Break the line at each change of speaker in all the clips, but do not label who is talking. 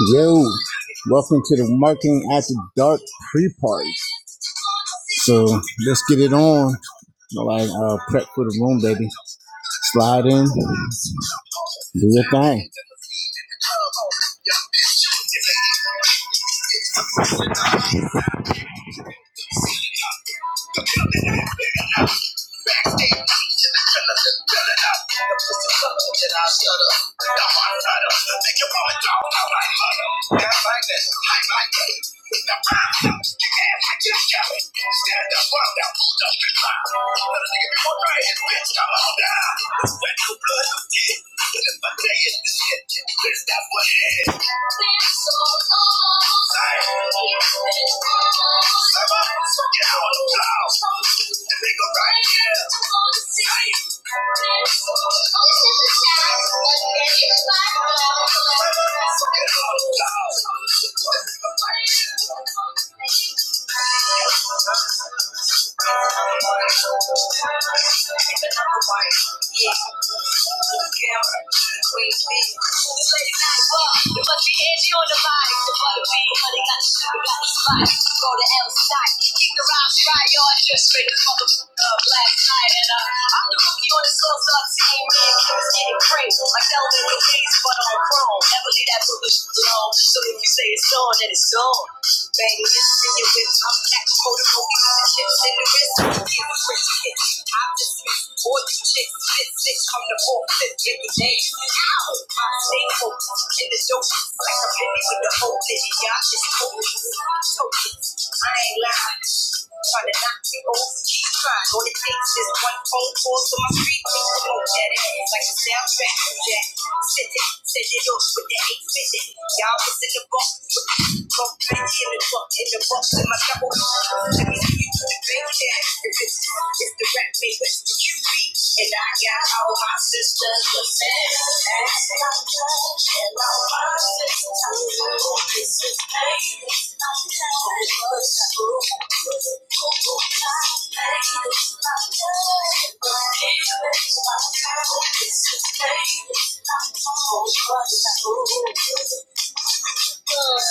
Yo, welcome to the Marketing After Dark pre-party. So let's get it on. Like uh, prep for the room, baby. Slide in, do your thing. Stand up, Thank you. But she is on the vibe. The butterbean, honey, got the sugar, got the spice. Go to L keep the rhymes dry, y'all. Just straight the mother up last night, and uh, I'm the rookie on the source team. Man, kids getting crazy. Like Elvin Louise, but on chrome. Never leave that bullish alone. So if you say it's on, then it's on. Baby, it's genuine. I'm black, cold, and roll, the chips in the wrist. These are rich hits. I'm just rich. Boy, you chicks, fit six from the four, fifth, give me names. Ow! I stay focused in the dope. Like a penny with the whole bitch. Y'all just focus. I ain't lying. Trying to knock me off, keep trying. All it takes is one phone call to my street, we can know that it is like a soundtrack yeah. Jack. Send it, send it off with the hate fitted. Y'all was in the box, with the box, bitch, in the box, in the box, in my double. Let me see you do the big dance. It's the rap made with the QB. And I got all my sisters to say, and all my sisters to do is to say, Girls,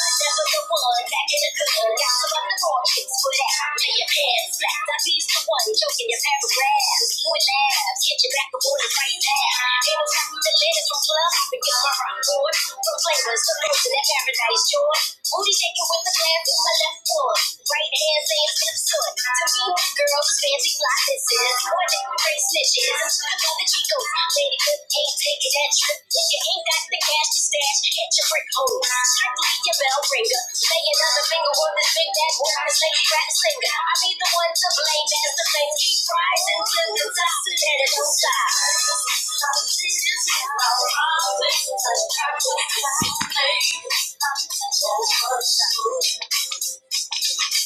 fancy fly, this is one day, great snitches. So I know that you go. Lady, good ain't taking that trip. If you ain't got the cash to stash, hit your brick hole. Strictly your bell ringer. Lay another finger on this big bad woman, this lady rap singer. I be the one to blame as the things keep rising till the top that it don't stop. I'm Y'all see how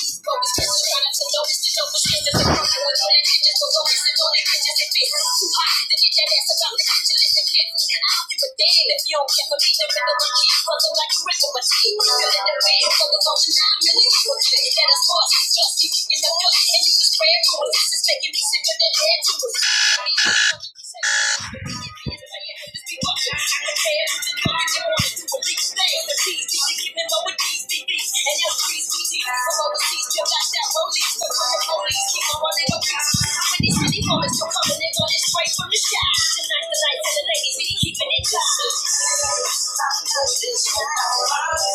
these bogus just trying to notice the dopest shit that's a problem with all the bitches, but don't listen, all the bitches that fit. Too hot to get that ass about the bitch to listen, kid. I don't give a damn if you don't care for me, the rhythm will keep buzzing like a ritual machine. You're in the bed, so it's on the nine million. Put it at a source, just keep it in the gut and use prayer tools. Just making me sick with the head tools. Just be cautious. Prepare to define your wants to believe things. The peace you can give me more with these D Bs and your trees. From overseas, you're not that police. So from the police, keep on running with peace. When these many moments are coming, they're going Straight from the shop. Tonight the night and the ladies be keeping it dry. This is the sound of spirit by the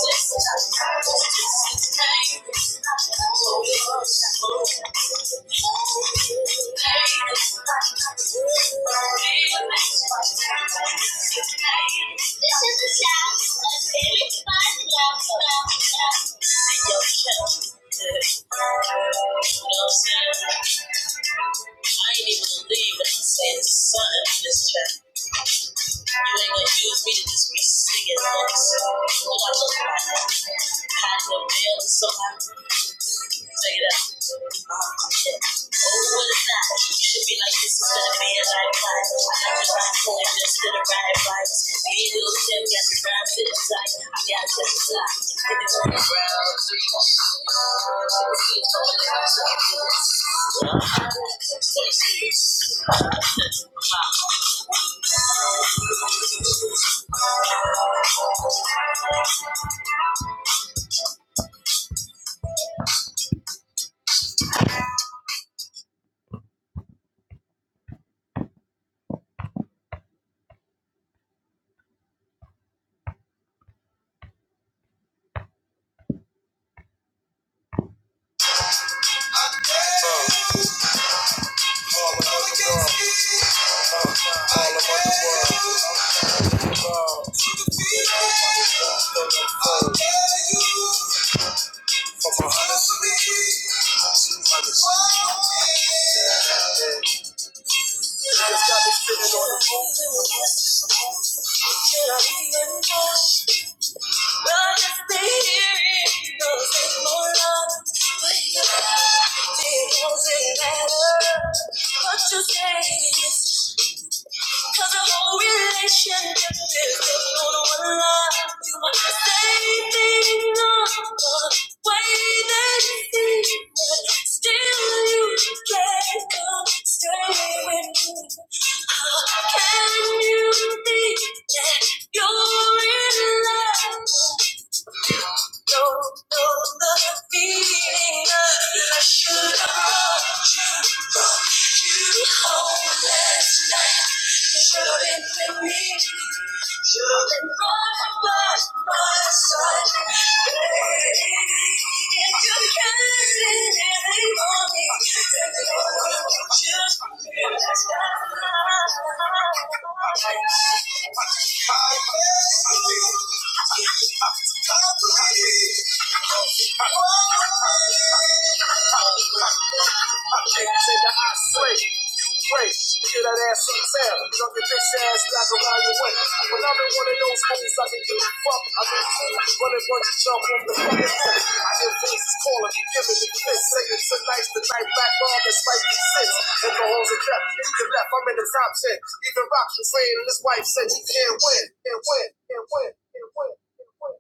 No sound. I ain't even believe it. I'm saying the sun in this chapter. You ain't gonna use me to just be singing lyrics. When I look back, I know damn it's so happy. Say that. Uh, yeah. Oh, what is that? You should be like, this is gonna be a lifeline. I never got point, just to the right vibes. Me and Lil Tim got the ground to the side. I got to the side. And it's on the ground, three. So we keep going, let's go. Well, I'm- What you say is Cause the whole relationship is built on one lie. You want the same thing on the way that you see it. but Still you can't come straight with me. How can you think that you're in love? Don't know the feeling I should have loved you. You own last night. You showed it to me. You've been running by my side. Baby, if you can't anything for me, then you just refuse i I can't take the I slay. You pray. Kill that ass some town. Drop your bitch ass back around your way. When I'm in one of those homes, I can give a fuck. I can fool. Running one to jump off the fucking roof. I hear voices calling, giving me kiss. Saying tonight's the night Back on that's like the spicy six. And the holes are kept. You can left. I'm in the top ten. Even Rock was saying and his wife said you can't win. Can't win. Can't win. Can't win. Can't win.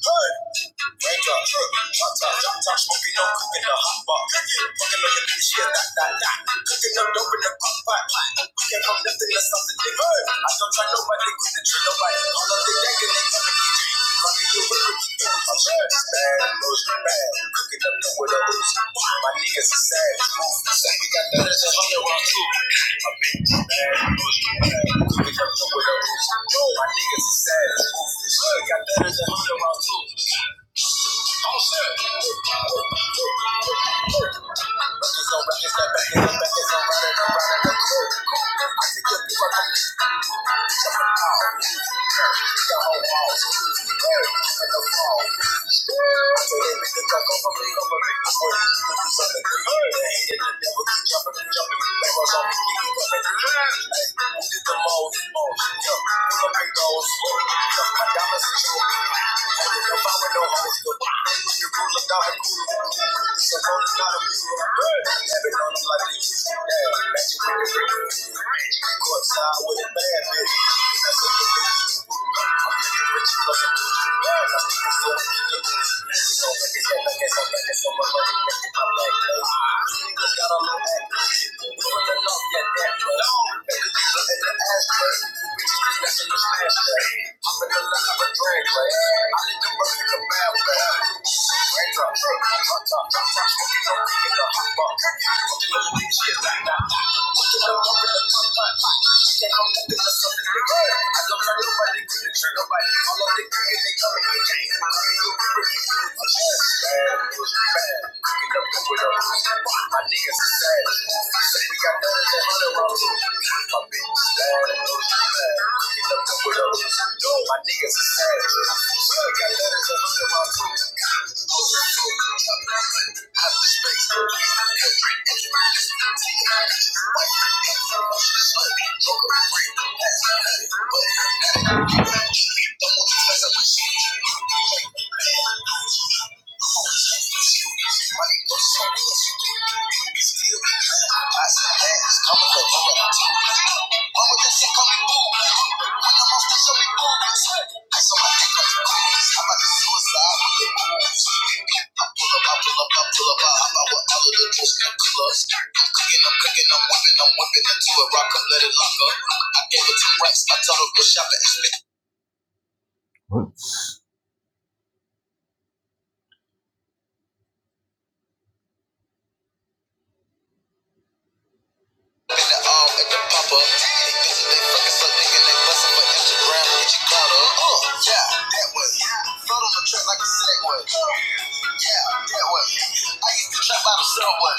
Raindrop, drip, drop top, drop top, smoking on cooking the hot bar. Cooking, fucking up the bitch, yeah, that, that, that. Cooking up dope in the pot pot. We Cooking up nothing or something, nigga. I don't try nobody, couldn't try nobody. All of the gang and they coming to you. Fucking you, I'm fast, bad, bush, bad. Cooking up the widows. My niggas are sad. Say we got that as a hundred rounds too. I'm big, bad, bush, bad. Cooking up the widows. My niggas are sad. Say we got that as a hundred rounds too. I'm set. Records on records, that back is on back is on running, I'm running the crew. I see good people like me. Jump in the ball. The whole walls. In the fall. I say they make the cut over me, over me. Word. This is something. They hated and never keep jumping and jumping. I'm big. Oh, yeah. Yeah. no cool cool. So cool cool. like Yeah. Courtside with a bad bitch. I'm getting rich plus I'm I'm Raindrops, my niggas is savage. I Got letters and hundred rounds. I saw my dick on the cruise. I'm about to suicide with the moves. I pull up, I pull up, I pull up, I hop out with all of the juice and clubs. I'm cooking, I'm cooking, I'm whipping, I'm whipping into it. Rock up, let it lock up. I gave it to Rex. I told her to shop it. Smoking Up in up. They bitches, fucking so Uh, yeah, that way. on the track like Yeah, that way. I used to trap out of subway.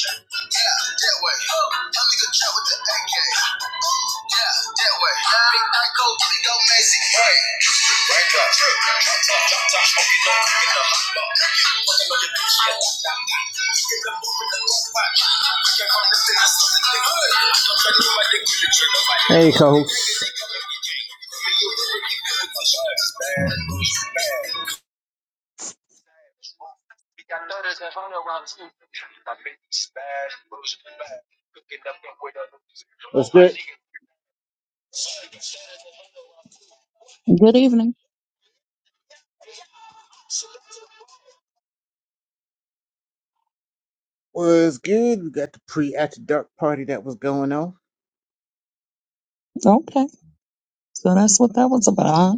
Yeah, that way. Young nigga trap with the AK. Yeah, that way. Big Nico, big old Macy. Hey. yeah. Hey, coach. What's good?
Good evening.
Was good. We got the pre after dark party that was going on.
Okay. So that's what that was about.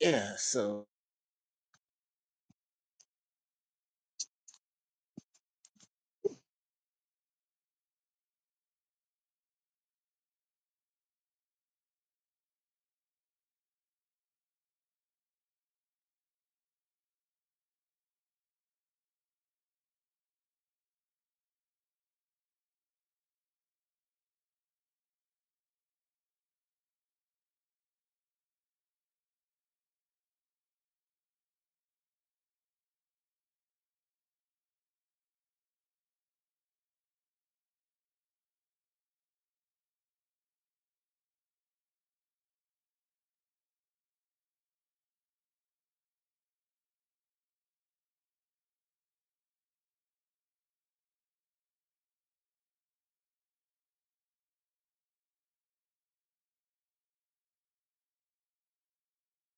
Yeah, so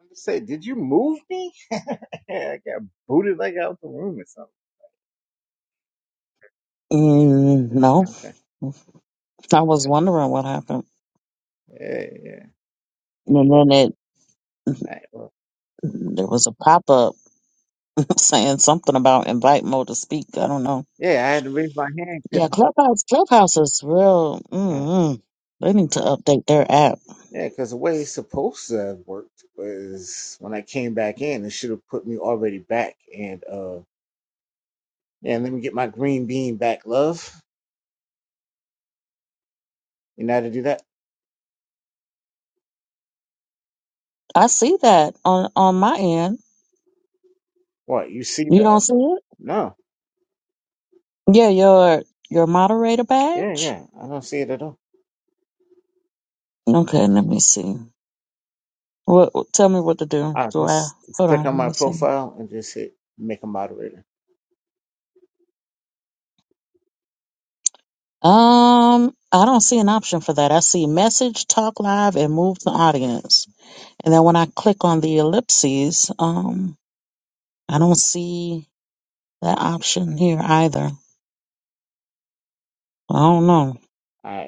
like I just say, did you move me? Yeah, I got booted like out the room or something.
Mm, no,
Okay.
I was wondering what happened.
Yeah, yeah.
And then it,
All right, well,
there was a pop up saying something about invite Mo to speak. I don't know.
yeah, I had to raise my hand
Yeah, Clubhouse Clubhouse is real.
because.
Mm-mm. They need to update their app.
Yeah, because the way it's supposed to have worked was when I came back in, it should have put me already back. And uh, yeah, let me get my green bean back, love. You know how to do that?
I see that on on my end.
What you see
You
that?
don't see it?
No,
Yeah, your your moderator
yeah,
badge.
yeah, I don't see it at all.
Okay, let me see. What? Tell me what to do.
I
Do I?
just just
Hold
click
on.
on
Let
my
me see.
profile and just hit make a moderator.
Um, I don't see an option for that. I see message, talk live, and move the audience. And then when I click on the ellipses, um, I don't see that option here either. I don't know.
I,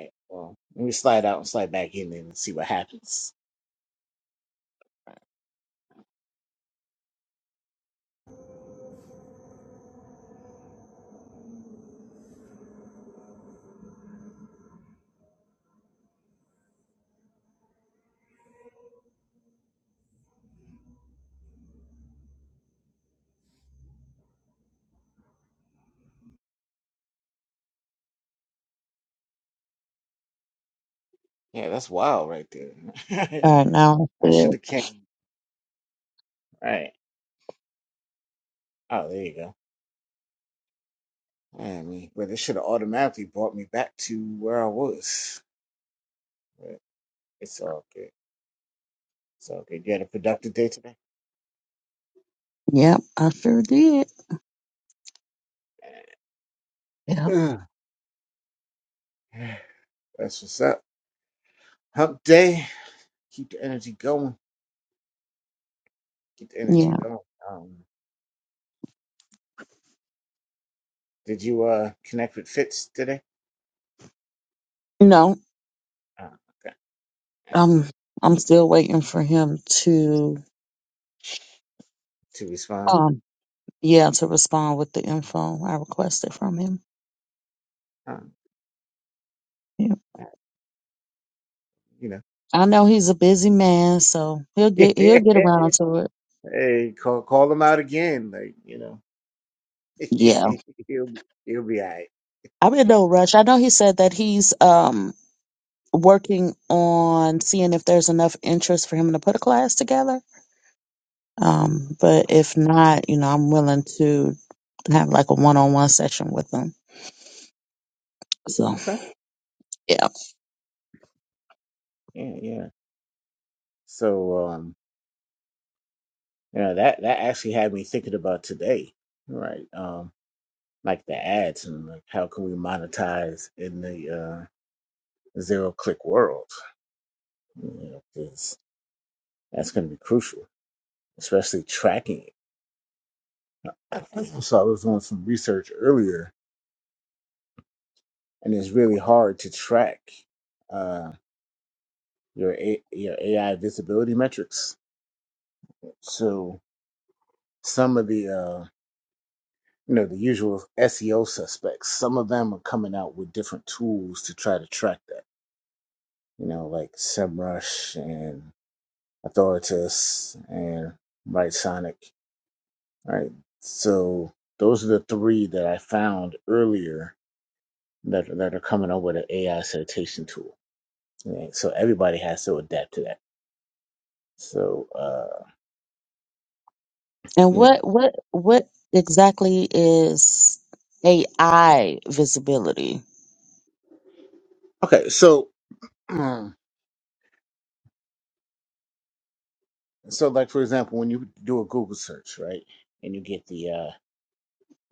yeah, that's wild right there.
All right, now. I
I
see it.
should have came right. Oh, there you go. Yeah, I mean, but it should have automatically brought me back to where I was. But it's all good. So, okay, you had a productive day today?
Yep, I sure did. Yep.
Ugh. That's what's up. Hump day. Keep the energy going. Keep the energy
Yeah.
going. Um, did you uh connect with Fitz today?
No,
Uh, okay.
um, I'm still waiting for him to,
To respond,
um, yeah, to respond with the info I requested from him.
um,
Yeah.
you
I know he's a busy man, so he'll
know,
get he'll get around to it.
hey, call call him out again. Like, you know,
Yeah,
he'll be- he'll be all right.
I'm in no rush. I know he said that he's um working on seeing if there's enough interest for him to put a class together. Um, but if not, you know, I'm willing to have like a one-on-one session with him. So
Okay.
yeah.
Yeah, yeah. So, um, you know, that that actually had me thinking about today, right? Um, like the ads and like how can we monetize in the uh zero click world? you know, 'cause that's going to be crucial, especially tracking it. I think- So I was doing some research earlier, and it's really hard to track uh, your A- your AI visibility metrics. So some of the uh, you know the usual SEO suspects, some of them are coming out with different tools to try to track that. You know, like SEMrush and Authoritas and Right Sonic. Right, so those are the three that I found earlier that that are coming up with an AI citation tool. Right? So everybody has to adapt to that. So uh,
And
you know,
what what what exactly is AI visibility?
okay. So mm, so like for example, when you do a Google search, right, and you get the uh,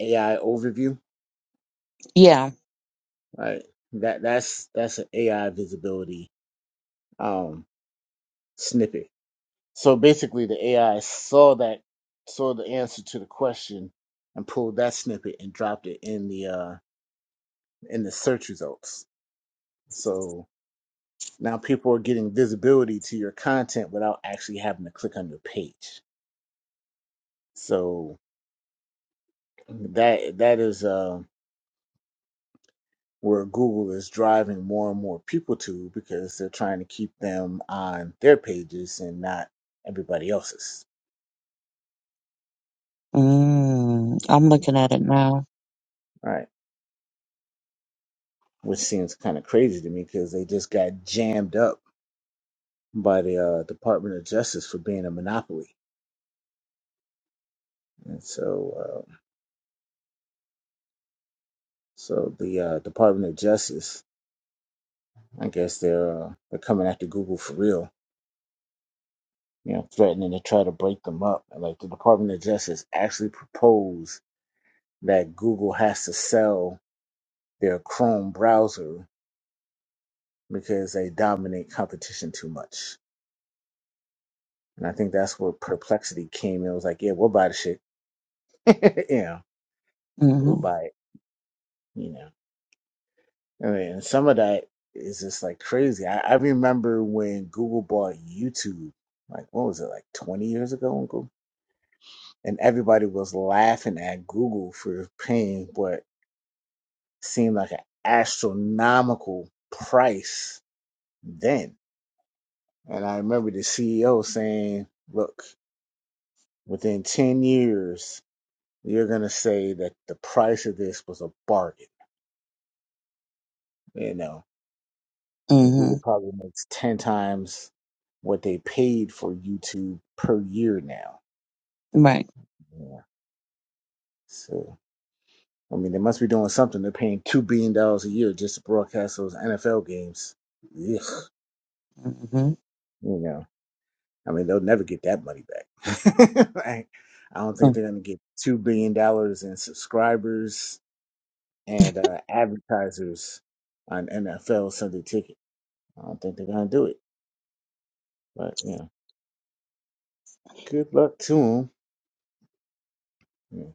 AI overview,
Yeah.
right? That that's that's an AI visibility um, snippet. So basically, the AI saw that saw the answer to the question and pulled that snippet and dropped it in the uh, in the search results. So Now people are getting visibility to your content without actually having to click on your page. So that that is uh, where Google is driving more and more people to because they're trying to keep them on their pages and not everybody else's.
Mm, I'm
you
looking
know.
at it now.
Right, which seems kind of crazy to me because they just got jammed up by the uh, Department of Justice for being a monopoly, and so uh, so the uh, Department of Justice, I guess they're uh, they're coming after Google for real you know, threatening to try to break them up. And like the Department of Justice actually proposed that Google has to sell their Chrome browser because they dominate competition too much. And I think that's where perplexity came in. It was like, yeah, we'll buy the shit. you know,
hmm
we'll buy it. You know, I mean, and some of that is just like crazy. I, I remember when Google bought YouTube, like, what was it, like 20 years ago, Uncle? And everybody was laughing at Google for paying what seemed like an astronomical price then. And I remember the CEO saying, look, within 10 years, you're going to say that the price of this was a bargain, you know, and
hmm
Google probably makes 10 times what they paid for YouTube per year now.
Right.
Yeah. So, I mean, they must be doing something. They're paying $2 billion dollars a year just to broadcast those NFL games. Ugh,
Mm-hmm. mm
you know. I mean, they'll never get that money back. like, I don't think
hmm
they're going to get two billion dollars in subscribers and uh, advertisers on NFL Sunday Ticket. I don't think they're going to do it. But yeah, good luck to them. Yeah.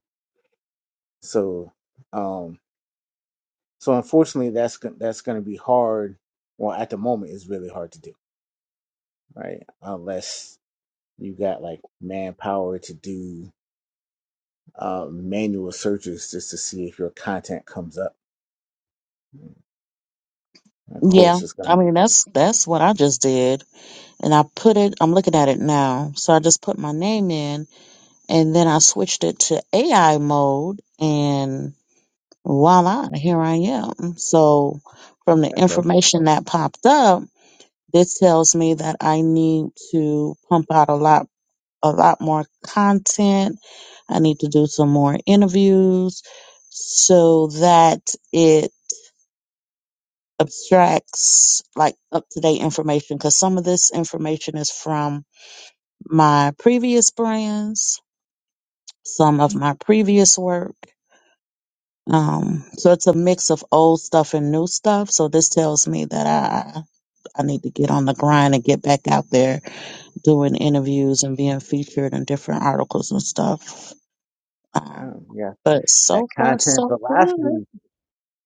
So, um, so unfortunately, that's go- that's going to be hard. Well, at the moment, it's really hard to do, right? Unless you got like manpower to do uh, manual searches just to see if your content comes up. of
Yeah.
course, it's going to
I
be
mean that's that's what I just did. And I put it I'm looking at it now. So I just put my name in and then I switched it to AI mode and voila, here I am. So from the
Okay.
information that popped up This tells me that I need to pump out a lot a lot more content. I need to do some more interviews so that it abstracts like up to date information because some of this information is from my previous brands, some of my previous work. Um, so it's a mix of old stuff and new stuff. So this tells me that I I need to get on the grind and get back out there doing interviews and being featured in different articles and stuff.
Um,
Um,
yeah.
but
That
so far,
content
so good.
velocity,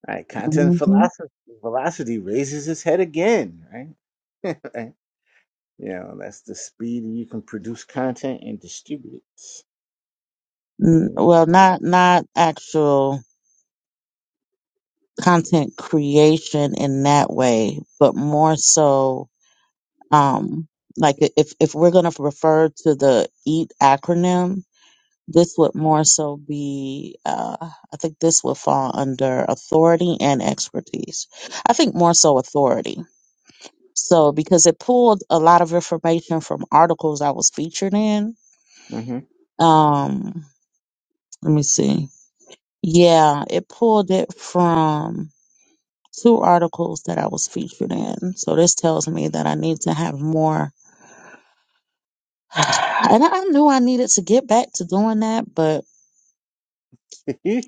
right? Content
hmm
velocity, velocity raises its head again, right? right? You know, that's the speed you can produce content and distribute it.
N-
You know,
well, not not actual content creation in that way, but more so, um, like i- if if we're gonna refer to the EAT acronym, this would more so be, uh, I think this would fall under authority and expertise. I think more so authority So because it pulled a lot of information from articles I was featured in.
hmm
Um, let me see. Yeah, it pulled it from two articles that I was featured in. So this tells me that I need to have more. And I I knew I needed to get back to doing that, but
yeah,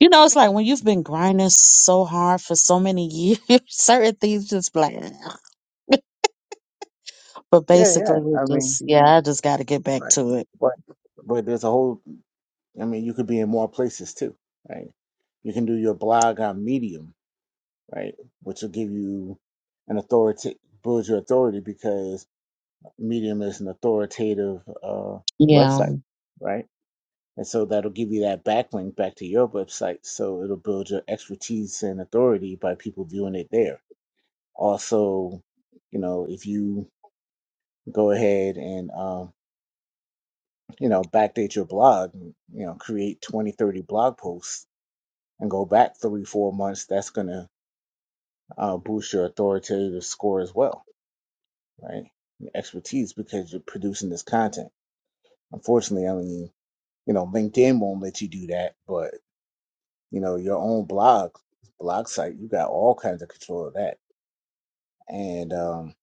you know, it's like when you've been grinding so hard for so many years, certain things just be like. But
yeah.
basically, it
I mean,
just yeah, I just got to get back
right.
to it.
But but there's a whole. I mean, you could be in more places too, right? You can do your blog on Medium, right, which will give you an authority, build your authority Medium is an authoritative uh,
Yeah,
website, right? And so that'll give you that backlink back to your website. So it'll build your expertise and authority by people viewing it there. Also, you know, if you go ahead and, um, you know, backdate your blog, you know, create twenty, thirty blog posts and go back three, four months, that's going to uh, boost your authoritative score as well, right? Your expertise because you're producing this content. Unfortunately, I mean, You know, LinkedIn won't let you do that, but you know, your own blog, blog site, you got all kinds of control of that. And um,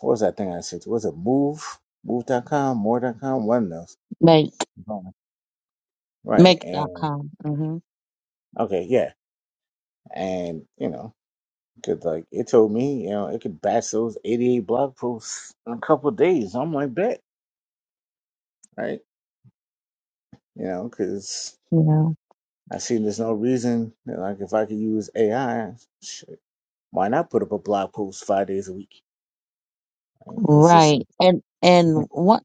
what was that thing I said? Was it Move, Move.com, More.com, one of
make
those, right?
make dot
And
com. Mm-hmm.
okay, yeah, and you know, because like it told me, you know, it could batch those eighty-eight blog posts in a couple of days. I'm like, bet, right? You know, because
Yeah,
I see there's no reason, you know, like if I could use AI, shit, why not put up a blog post five days a week? It's just a
right. And and what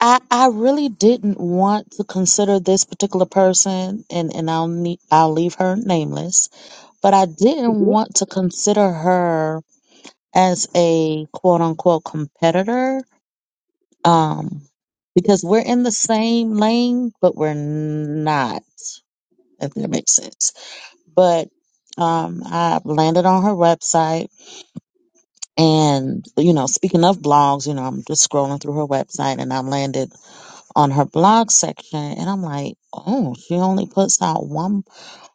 I I really didn't want to consider this particular person, and and I'll need I'll leave her nameless, but I didn't
tool
want to consider her as a quote unquote competitor, um, because we're in the same lane, but we're not, if that makes sense. But um, I landed on her website And, you know, speaking of blogs, you know, I'm just scrolling through her website and I landed on her blog section and I'm like, oh, she only puts out one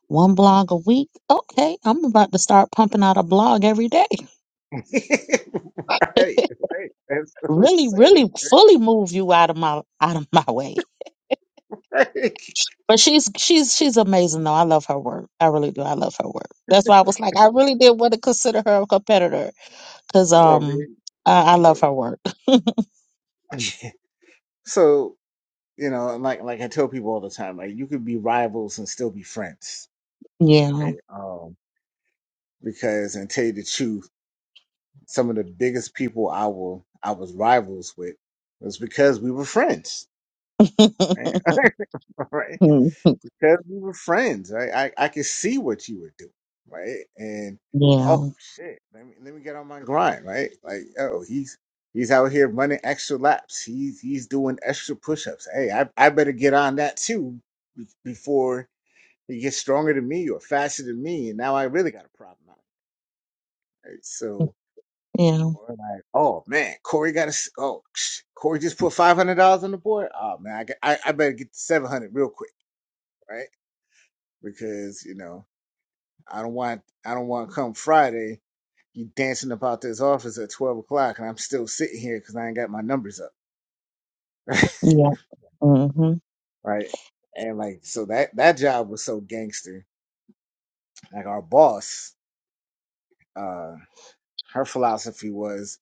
one blog a week. Okay, I'm about to start pumping out a blog every day. Really,
sale
really fully move you out of my out of my way. But she's she's she's amazing though. I love her work. I really do. I love her work. That's why I was like, I really did want to consider her a competitor because
of
um I, I
you
love
know.
her work.
so you know, and like like I tell people all the time, like you could be rivals and still be friends,
Yeah.
right? Um, because and tell you the truth, some of the biggest people I will I was rivals with was because we were friends, right? right? because we were friends. I, I I could see what you were doing, right? And oh
yeah.
shit, let me let me get on my grind, right? Like oh he's he's out here running extra laps. He's he's doing extra push-ups. Hey, I I better get on that too be- before he gets stronger than me or faster than me. And now I really got a problem. Out, here, right? So.
Yeah.
Or like, oh man, Corey got a s- oh sh- Corey just put five hundred dollars on the board. Oh man, I, got- I I better get to seven hundred real quick, right? Because you know I don't want I don't want come Friday you dancing about this office at twelve o'clock and I'm still sitting here because I ain't got my numbers up,
Yeah. Mm-hmm.
right? And like so that that job was so gangster. Like our boss, uh, her philosophy was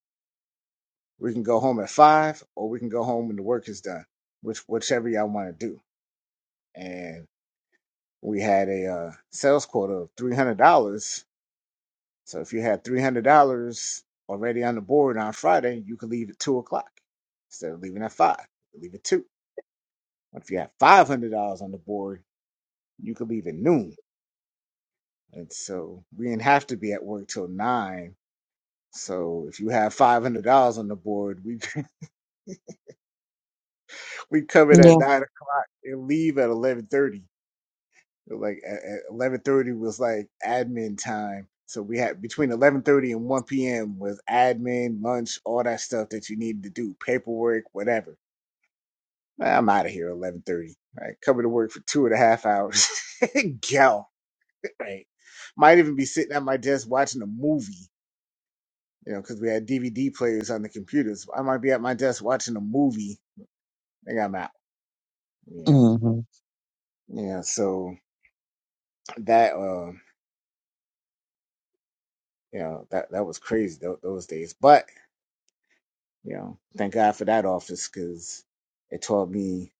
we can go home at five or we can go home when the work is done, which whichever y'all want to do. And we had a uh, sales quota of three hundred dollars So if you had three hundred dollars already on the board on Friday, you could leave at two o'clock instead of leaving at five. You could leave at two. But if you have five hundred dollars on the board, you could leave at noon. And so we didn't have to be at work till nine. So if you have five hundred dollars on the board, we we come in
Yeah.
at nine o'clock and leave at eleven thirty like at, at 11:30 was like admin time. So we had between 11:30 and 1 p.m. was admin, lunch, all that stuff that you needed to do, paperwork, whatever. Well, I'm out of here 11:30. Right, coming to work for two and a half hours. go, right? Might even be sitting at my desk watching a movie, you know, because we had DVD players on the computers. I might be at my desk watching a movie. I think I'm out, you know.
Mm-hmm.
Yeah, so that, uh, you know, that that was crazy tho- those days, but You know, thank God for that office because it taught me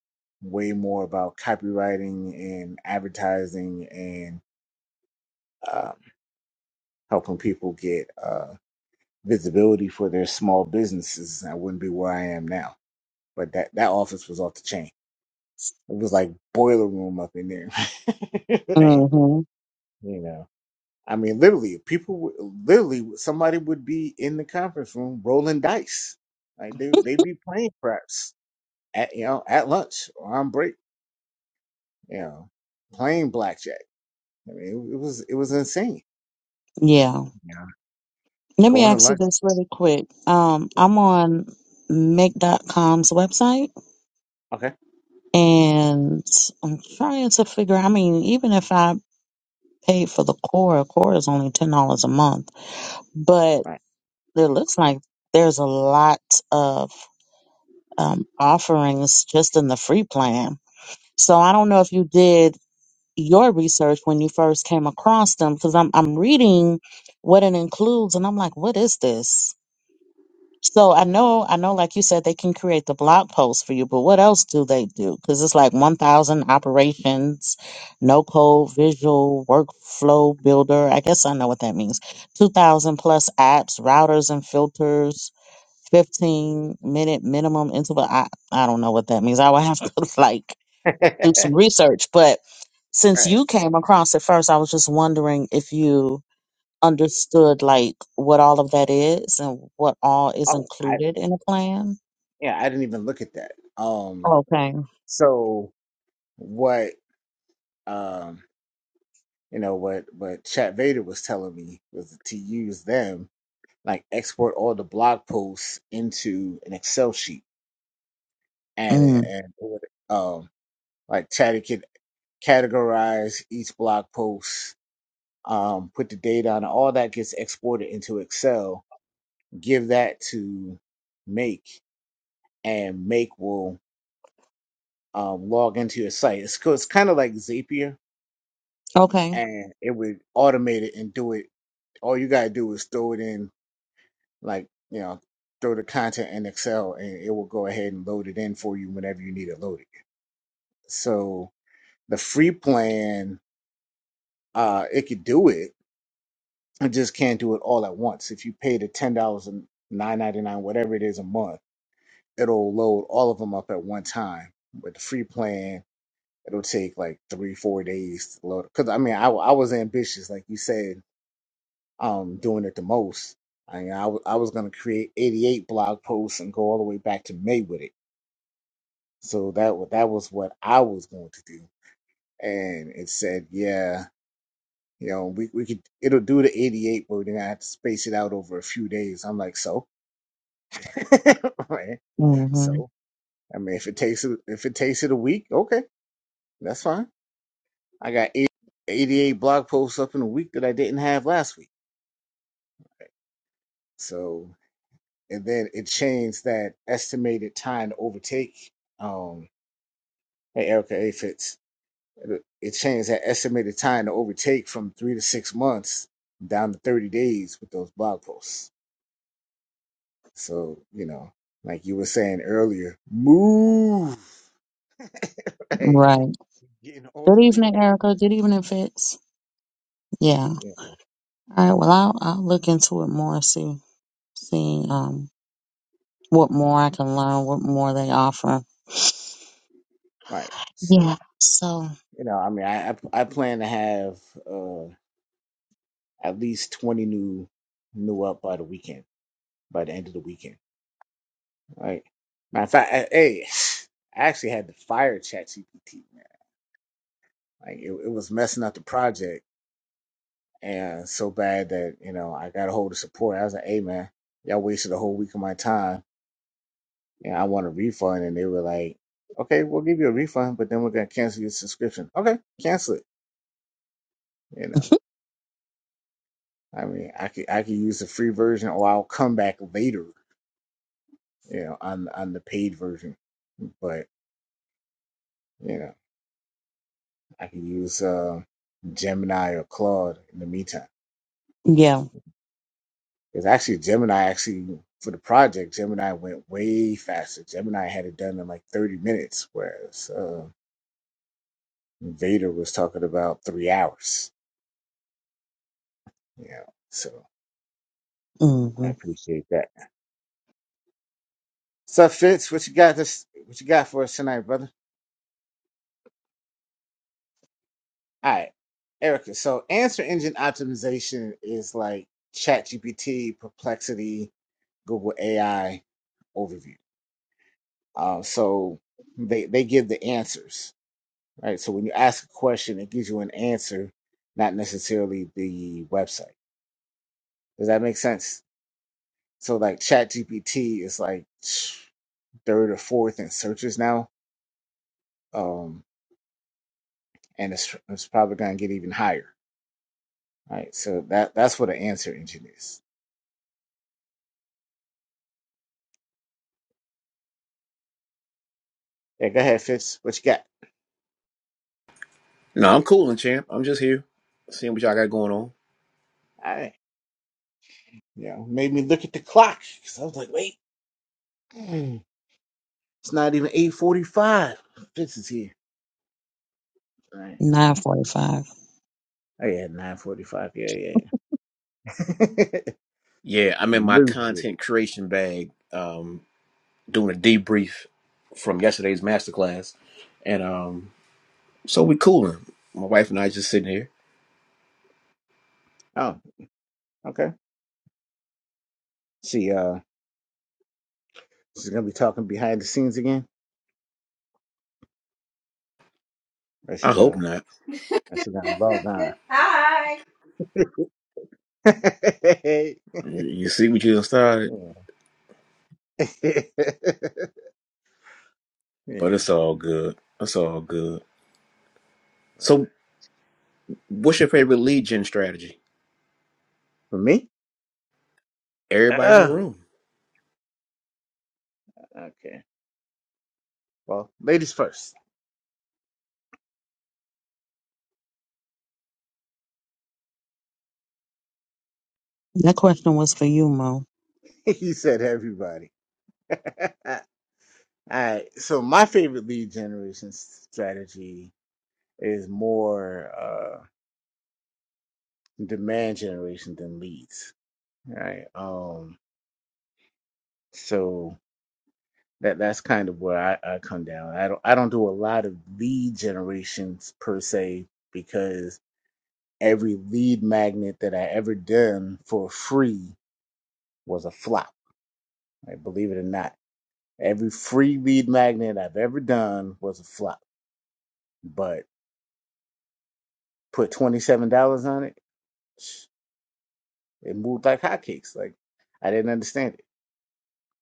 way more about copywriting and advertising and um, helping people get uh, visibility for their small businesses. I wouldn't be where I am now, but that that office was off the chain. It was like boiler room up in there. hey,
Mm-hmm.
you know, I mean, literally, people, would- literally, somebody would be in the conference room rolling dice, like they they'd be playing craps at you know at lunch or on break you know, playing blackjack. I mean, it, it was it was insane.
Yeah.
You know,
Let me
going to
ask you
lunch.
this really quick. Um,
Yeah.
I'm on Make. dot com's website
Okay,
and I'm trying to figure I mean, even if I paid for the core, core is only ten dollars a month. But
all right,
it looks like there's a lot of um offerings just in the free plan. So I don't know if you did your research when you first came across them because I'm I'm reading what it includes and I'm like, what is this? So I know I know like you said they can create the blog post for you, but what else do they do? Because it's like 1,000 operations, no code visual workflow builder. I guess I know what that means. 2,000 plus apps, routers and filters, 15 minute minimum interval. I I don't know what that means. I would have to like do some
all
research. But since
right.
you came across it first, I was just wondering if you understood like what all of that is and what all is
Oh, I
included in a plan.
yeah, I didn't even look at that. Um,
Okay.
so what? Um, you know what? What Chat Vader was telling me was to use them, like export all the blog posts into an Excel sheet, and
Mm.
it- and it would, um, like Chatty could categorize each blog post um, put the data on all that gets exported into Excel. Give that to Make, and Make will um, log into your site. It's, co- it's kind of like Zapier,
Okay.
and it would automate it and do it. All you gotta do is throw it in, like you know, throw the content in Excel, and it will go ahead and load it in for you whenever you need it loaded. So the free plan, uh, it could do it. It just can't do it all at once. If you pay the ten dollars and nine ninety nine, whatever it is a month it'll load all of them up at one time. With the free plan, it'll take like three, four days to load. Because I mean, I, I was ambitious, like you said, um, doing it the most. I mean, I, w- I was gonna create 88 blog posts and go all the way back to May with it. So that wa- that was what I was going to do. And it said, yeah, you know, we, we could it'll do the 88, but we're gonna have to space it out over a few days. I'm like, so, right?
hmm
So, I mean, if it takes it if it takes it a week, okay, that's fine I got 88 blog posts up in a week that I didn't have last week. So, and then it changed that estimated time to overtake. Um, hey, Erica A. Fitz, it it changed that estimated time to overtake from three to six months down to 30 days with those blog posts. So, you know, like you were saying earlier, move, right?
Right.
Getting all the
Good
way
evening,
up. on-
Erica. Good evening, Fitz. Yeah.
Yeah.
All right. Well, I'll I'll look into it more. See see um what more I can learn. What more they offer.
Right.
Yeah.
So,
So.
you know, I mean, I, I, I plan to have, uh at least 20 new new up by the weekend, by the end of the weekend. Like, matter of fact, I, hey, I actually had to fire ChatGPT, man. Like, it, it was messing up the project and so bad that, you know, I got a hold of support. I was like, hey, man, y'all wasted a whole week of my time and I want a refund. And they were like, okay, we'll give you a refund, but then we're going to cancel your subscription. Okay, cancel it. You know, I mean, I could, I could use the free version or I'll come back later, you know, on, on the paid version. But, you know. I can use uh, Gemini or Claude in the meantime.
Yeah.
Because actually, Gemini actually for the project, Gemini went way faster. Gemini had it done in like 30 minutes, whereas uh, Vader was talking about three hours. You know, so I
Mm-hmm.
appreciate that. So Fitz, what you got this? What you got for us tonight, brother? All right, Erica. So answer engine optimization is like ChatGPT, Perplexity, Google AI overview. Uh, so they they give the answers, right? So when you ask a question, it gives you an answer, not necessarily the website. Does that make sense? So like ChatGPT is like third or fourth in searches now, um, and it's it's probably gonna get even higher, right? So that that's what an answer engine is. Yeah, go ahead, Fitz. What you got?
No, I'm cooling, champ. I'm just here, seeing what y'all got going on.
All right, Yeah, made me look at the clock because I was like, wait, mm, it's not even eight forty-five. Fitz is here. All Right.
Nine forty-five.
Oh yeah, nine forty five. Yeah, yeah. yeah.
Yeah, I'm in my
Lose it.
content creation bag, um, doing a debrief from yesterday's masterclass, and um, so we cooling. My wife and I just sitting here.
oh, okay. She uh, she's gonna be talking behind the scenes again, or she
I hope
gonna,
not.
or she gonna log on.
You see what you done started,
yeah.
but
yeah,
it's all good. It's all good.
right.
So, what's your favorite lead gen strategy?
For me?
Everybody in the
Oh,
room.
okay. Well, ladies first.
That question was for you, Mo.
you said everybody. All right. So my favorite lead generation s- strategy is more uh demand generation than leads. All right. Um. So that that's kind of where I, I come down. I don't I don't do a lot of lead generations per se because every lead magnet that I ever done for free was a flop. Right? Believe it or not, every free lead magnet I've ever done was a flop. But put twenty seven dollars on it, it moved like hotcakes. Like I didn't understand it.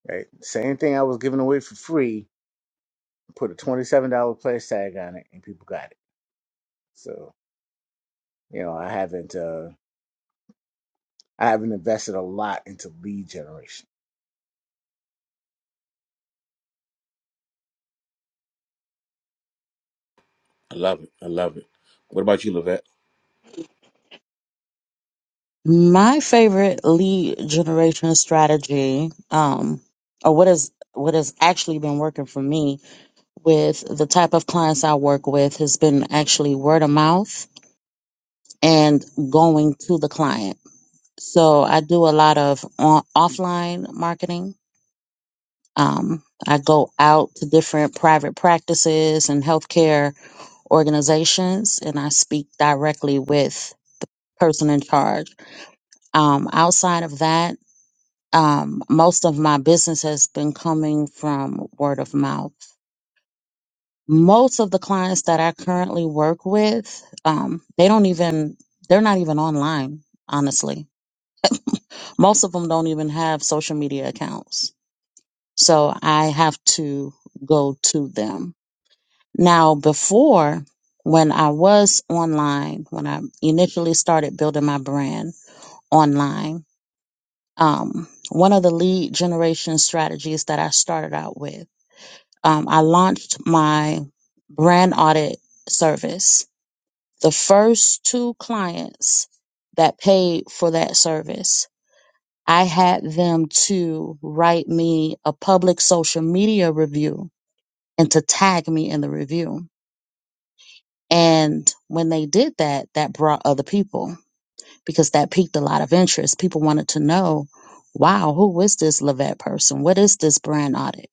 Right, same thing I was giving away for free. Put a twenty seven dollar price tag on it, and people got it. So you know I haven't. Uh, I haven't invested a lot into lead generation.
I love it. I love it. What about you, Levette?
My favorite lead generation strategy, um, or what is what has actually been working for me with the type of clients I work with has been actually word of mouth and going to the client. So I do a lot of on, offline marketing. Um, I go out to different private practices and healthcare organizations, and I speak directly with person in charge. Um, outside of that, um, most of my business has been coming from word of mouth. Most of the clients that I currently work with, um, they don't even, they're not even online, honestly. Most of them don't even have social media accounts. So I have to go to them. Now, before, when I was online, when I initially started building my brand online, um, one of the lead generation strategies that I started out with um, I launched my brand audit service. The first two clients that paid for that service, I had them to write me a public social media review and to tag me in the review. And when they did that, that brought other people because that piqued a lot of interest. People wanted to know, wow, who is this Lavette person? What is this brand audit?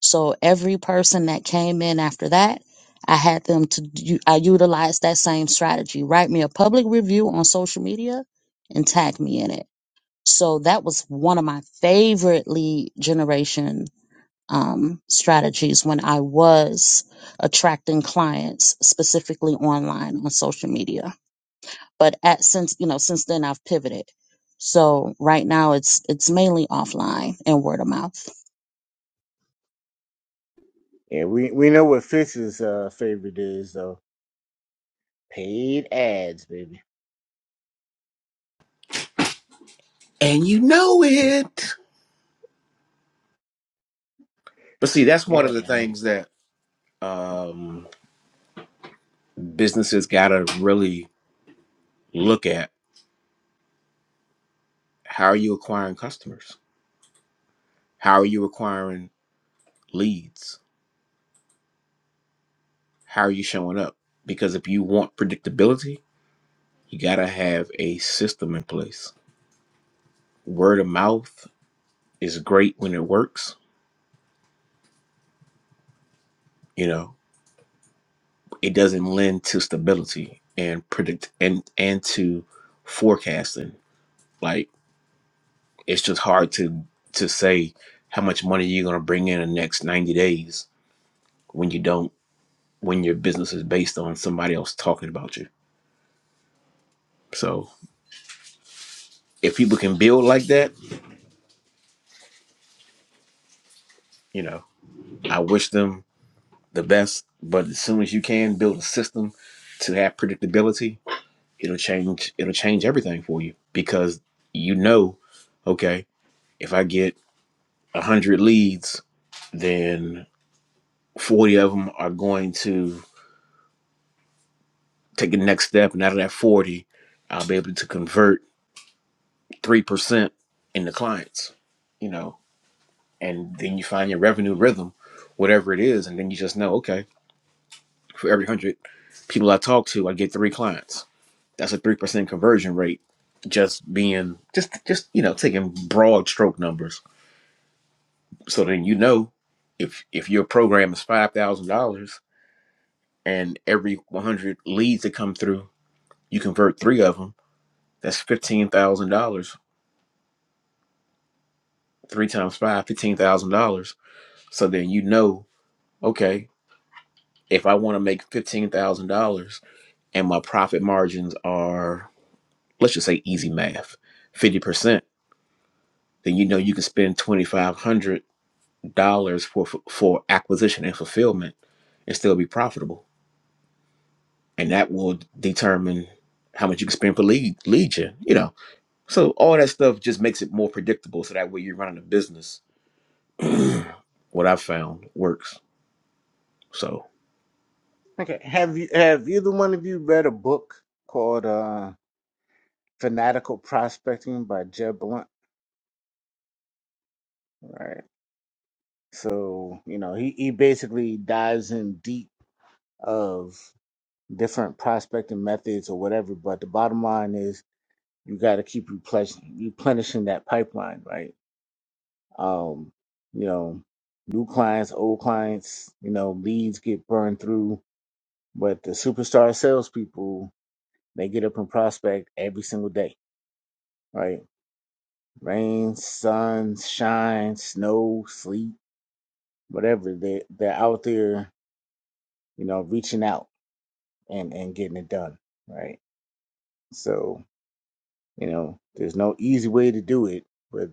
So every person that came in after that, I had them to u- I utilized that same strategy. Write me a public review on social media and tag me in it. So that was one of my favorite lead generation um, strategies when I was attracting clients specifically online on social media. But at since you know since then I've pivoted. So right now it's it's mainly offline and word of mouth.
Yeah, we, we know what Fitz's uh, favorite is though. Paid ads, baby.
And you know it. But see, that's one
Yeah.
of the things that. um businesses got to really look at how are you acquiring customers? How are you acquiring leads? How are you showing up? Because if you want predictability, you got to have a system in place. Word of mouth is great when it works, you know. It doesn't lend to stability and predict and and to forecasting. Like it's just hard to to say how much money you're going to bring in the next 90 days when you don't when your business is based on somebody else talking about you. So if people can build like that, you know, I wish them the best. But as soon as you can build a system to have predictability, it'll change it'll change everything for you because you know, okay, if I get a hundred leads, then forty of them are going to take the next step, and out of that forty, I'll be able to convert three percent into clients. You know, and then you find your revenue rhythm, whatever it is, and then you just know, okay, for every hundred people I talk to, I get three clients. That's a three percent conversion rate. Just being just just you know taking broad stroke numbers. So then you know if if your program is five thousand dollars and every one hundred leads that come through, you convert three of them. That's fifteen thousand dollars. Three times five, fifteen thousand dollars. So then you know, okay, if I want to make fifteen thousand dollars and my profit margins are let's just say easy math 50% then you know you can spend $2500 for for for acquisition and fulfillment and still be profitable and that will determine how much you can spend for lead lead gen you know so all that stuff just makes it more predictable so that way you're running a business what i've found works so
Okay. Have you have either one of you read a book called uh Fanatical Prospecting by Jeb Blunt? Right. So, you know, he, he basically dives in deep of different prospecting methods or whatever, but the bottom line is you gotta keep replenishing replenishing that pipeline, right? Um, you know, new clients, old clients, you know, leads get burned through, but the superstar salespeople, they get up and prospect every single day, right? Rain, sun, shine, snow, sleet, whatever. They they're out there, you know, reaching out and and getting it done, right? So, you know, there's no easy way to do it, but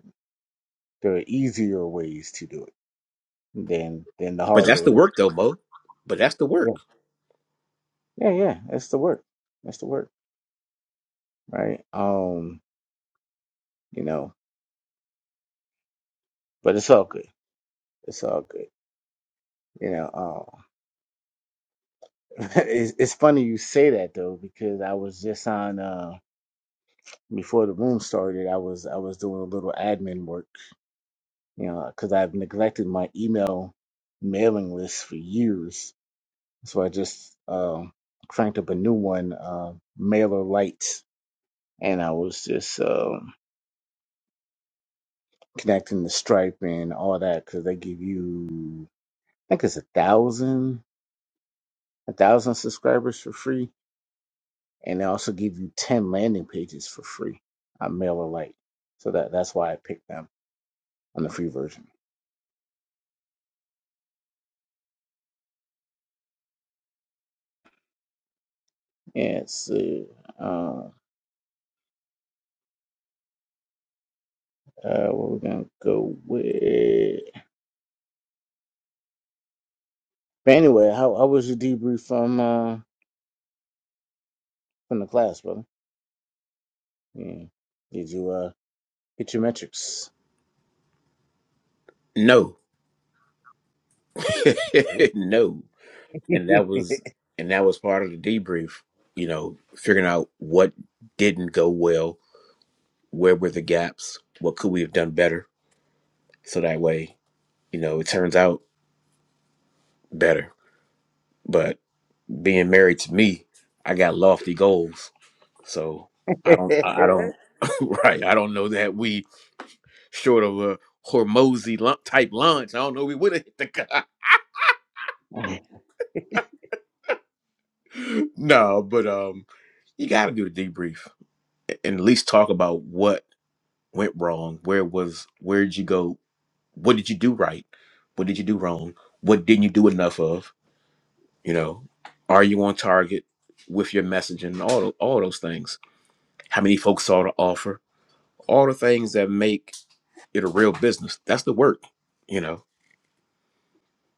there are easier ways to do it than than the
but
hard
that's
way.
the
Like,
work though mo but that's the
yeah,
work
yeah, yeah. That's the work. That's the work. right? Um, you know, but it's all good. It's all good. You know, um, it's, it's funny you say that though because I was just on uh before the room started. I was I was doing a little admin work, you know, because I've neglected my email mailing list for years. So I just um cranked up a new one, uh, Mailer Lite, and I was just um connecting the Stripe and all that because they give you, I think it's a thousand. a thousand subscribers for free, and they also give you ten landing pages for free on MailerLite. So that that's why I picked them on the free version. And so, um, uh, what we're gonna go with? But anyway, how how was your debrief from uh, from the class, brother? Yeah. Did you uh hit your metrics?
no
Nope.
no and that was and that was part of the debrief you know figuring out what didn't go well where were the gaps what could we have done better so that way you know it turns out better but being married to me i got lofty goals so i don't i I don't right i don't know that we short of a hormozy lu- type lunch i don't know we would have hit the guy no but um you got to do the debrief and at least talk about what went wrong? Where was where did you go? What did you do right? What did you do wrong? What didn't you do enough of? You know, are you on target with your messaging? All all those things. How many folks saw the offer? All the things that make it a real business. That's the work. You know,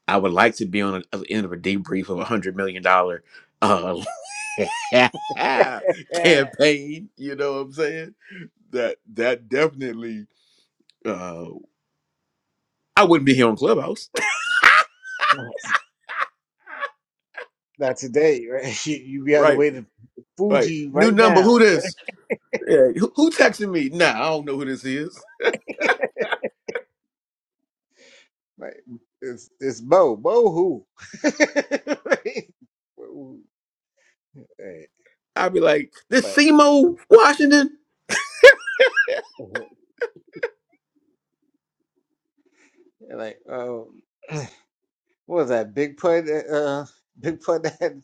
I would like to be on the other end of a debrief of a hundred million dollar uh, campaign. You know what I'm saying? That that definitely. Uh, I wouldn't be here on Clubhouse,
Not today, right? You, you be on the
right?
way to
Right.
Fuji
New
right
number.
now.
Who this? Yeah. Who, who texting me? Nah, I don't know who this is.
Like it's it's Bo. Bo who? Right? Hey,
I'd be like, this
right.
Seymour Washington?
Mhm. Like, um, what was that? Big Pud, uh, uh, Big Pud that, had,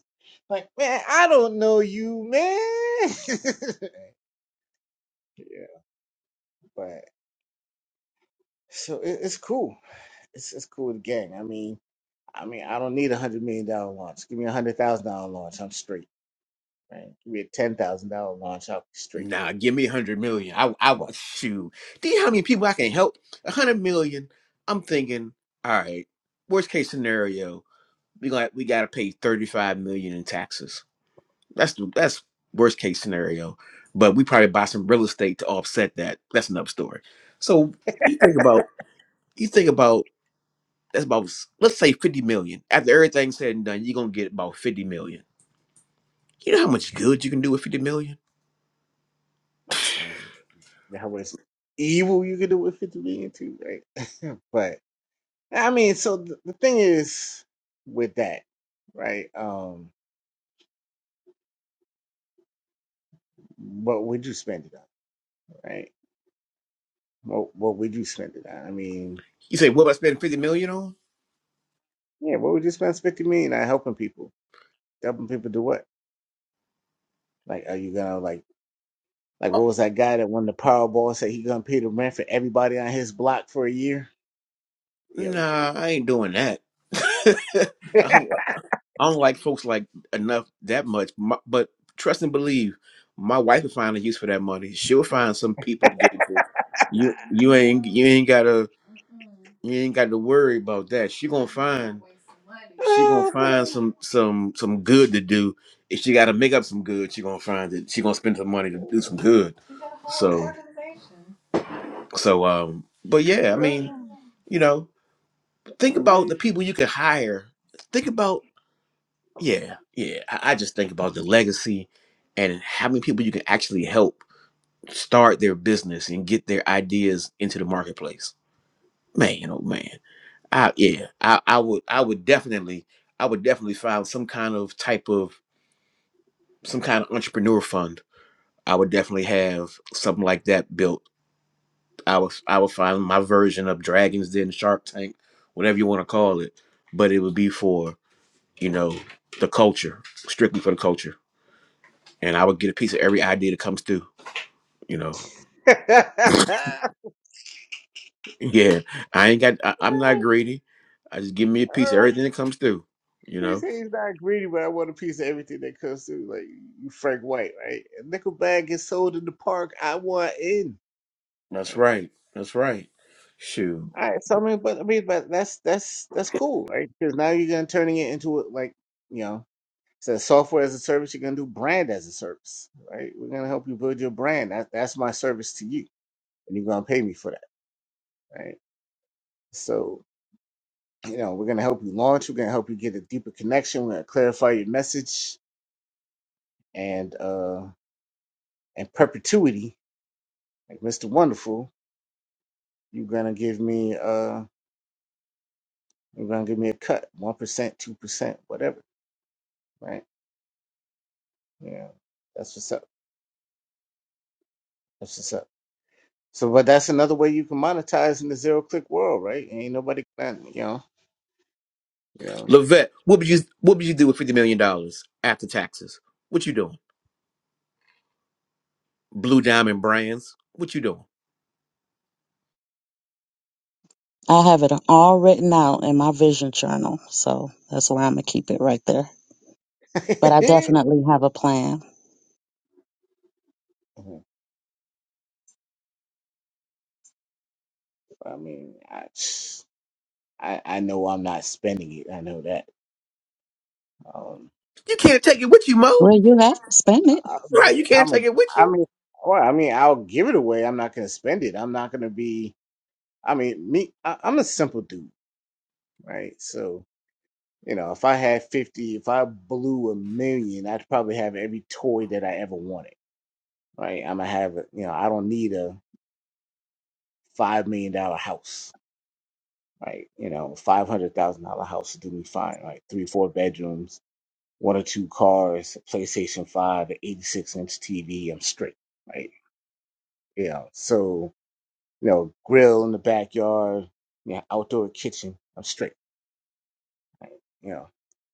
like, man, I don't know you, man. yeah, but so it, it's cool. It's it's cool with gang. I mean, I mean, I don't need a hundred million dollar launch. Give me a hundred thousand dollar launch, I'm straight. Right? Give me a ten thousand dollar launch, I'll be straight.
Nah, give me a hundred million. I, I
Well,
shoot. Do you know how many people I can help? A hundred million. I'm thinking, all right. Worst case scenario, we got we got to pay thirty five million in taxes. That's the that's worst case scenario. But we probably buy some real estate to offset that. That's another story. So you think about you think about That's about let's say fifty million. After everything's said and done, you're gonna get about fifty million. You know how much good you can do with fifty million?
um, that was evil you could do with 50 million too, right? but I mean, so the, the thing is with that, right? Um, what would you spend it on, right? What what would you spend it on? I mean,
You say, what am I spending fifty million on?
yeah, what would you spend fifty million on helping people? Helping people do what? Like, are you gonna like like what was that guy that won the Powerball said he gonna pay the rent for everybody on his block for a year? You know,
Nah, I ain't doing that. I don't like I don't like folks like enough that much. My, but trust and believe, my wife will find a use for that money. She'll find some people to get it to. You you ain't you ain't gotta You ain't got to worry about that. She gonna find she gonna find some some some good to do. If she got to make up some good, she gonna find it. She gonna spend some money to do some good. So so um, but yeah, I mean, you know, think
I
about the
mean,
people you can hire. Think about yeah, yeah. I, I just think about the legacy and how many people you can actually help start their business and get their ideas into the marketplace. Man, oh man. I yeah, I, I would I would definitely I would definitely find some kind of type of some kind of entrepreneur fund. I would definitely have something like that built. I was. I would find my version of Dragons Den Shark Tank, whatever you want to call it, but it would be for you know the culture, strictly for the culture, and I would get a piece of every idea that comes through. You know, yeah, I ain't got I, I'm not greedy. I just give me a piece of everything that comes through. You
he
know,
said he's not greedy, but I want a piece of everything that comes through. Like you, Frank White, right? A nickel bag gets sold in the park. I want in.
that's
Right.
right, that's right. Shoot.
All right, so I mean, but I mean, but that's that's that's cool, right? Because now you're gonna turning it into a, like you know. says software as a service, you're gonna do brand as a service, right? We're gonna help you build your brand. That, that's my service to you, and you're gonna pay me for that, right? So, you know, we're gonna help you launch. We're gonna help you get a deeper connection. We're gonna clarify your message and uh and perpetuity, like Mr. Wonderful. You're gonna give me uh, you're gonna give me a cut, one percent, two percent, whatever, right? Yeah, that's what's up. That's what's up. So, but that's another way you can monetize in the zero click world, right? Ain't nobody, you know, you know.
Levette, what would you what would you do with fifty million dollars after taxes? What you doing? Blue Diamond Brands, what you doing?
I have it all written out in my vision journal, so that's why I'm gonna keep it right there. But I definitely have a plan.
Mhm. I mean, I, I I know I'm not spending it. I know that. Um,
You can't take it with you,
Well,
Mo.
you have to spend it.
I
Right?
mean,
You can't
I'm a,
take it with
I
you.
mean, well, I mean, I'll give it away. I'm not gonna spend it. I'm not gonna be. I mean, me, I, I'm a simple dude, right? So you know, if I had fifty, if I blew a million, I'd probably have every toy that I ever wanted, right? I'm gonna have, a- you know, I don't need a five million dollar house, right? You know, five hundred thousand dollar house would do me fine, right? Three, four bedrooms one or two cars, PlayStation 5, an 86 inch TV, I'm straight, right? You know, so, you know, grill in the backyard, you know, outdoor kitchen, I'm straight, right? You know,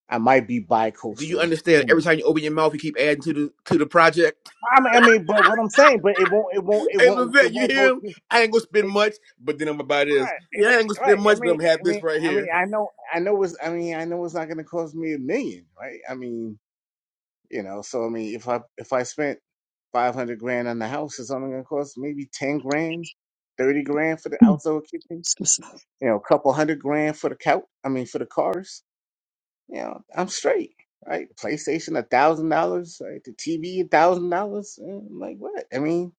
I might be bi
Do you
coastal. I
understand? Every time you open your mouth, you keep adding to the to the project.
mean, I mean, but what I'm saying, but it won't, it won't, it
Hey,
won't, it
Levette, you
won't
hear
go
him?
through.
I ain't gonna spend
It,
much, but then I'm about this.
right, it,
Yeah, I ain't gonna
ain't- right.
spend
I
much, but
mean,
I'm gonna have
I
this
mean,
right
I mean,
here.
I know, I know it's, I mean, I know it's not going to cost me a million, right? I mean, You know, so I mean, if I if I spent five hundred grand on the house, it's only gonna cost maybe ten grand, thirty grand for the outdoor kitchen.
Excuse me.
You know, a couple hundred grand for the couch. I mean, for the cars. You know, I'm straight. Right? PlayStation a thousand dollars. Right? The TV a thousand dollars. Like what? I mean,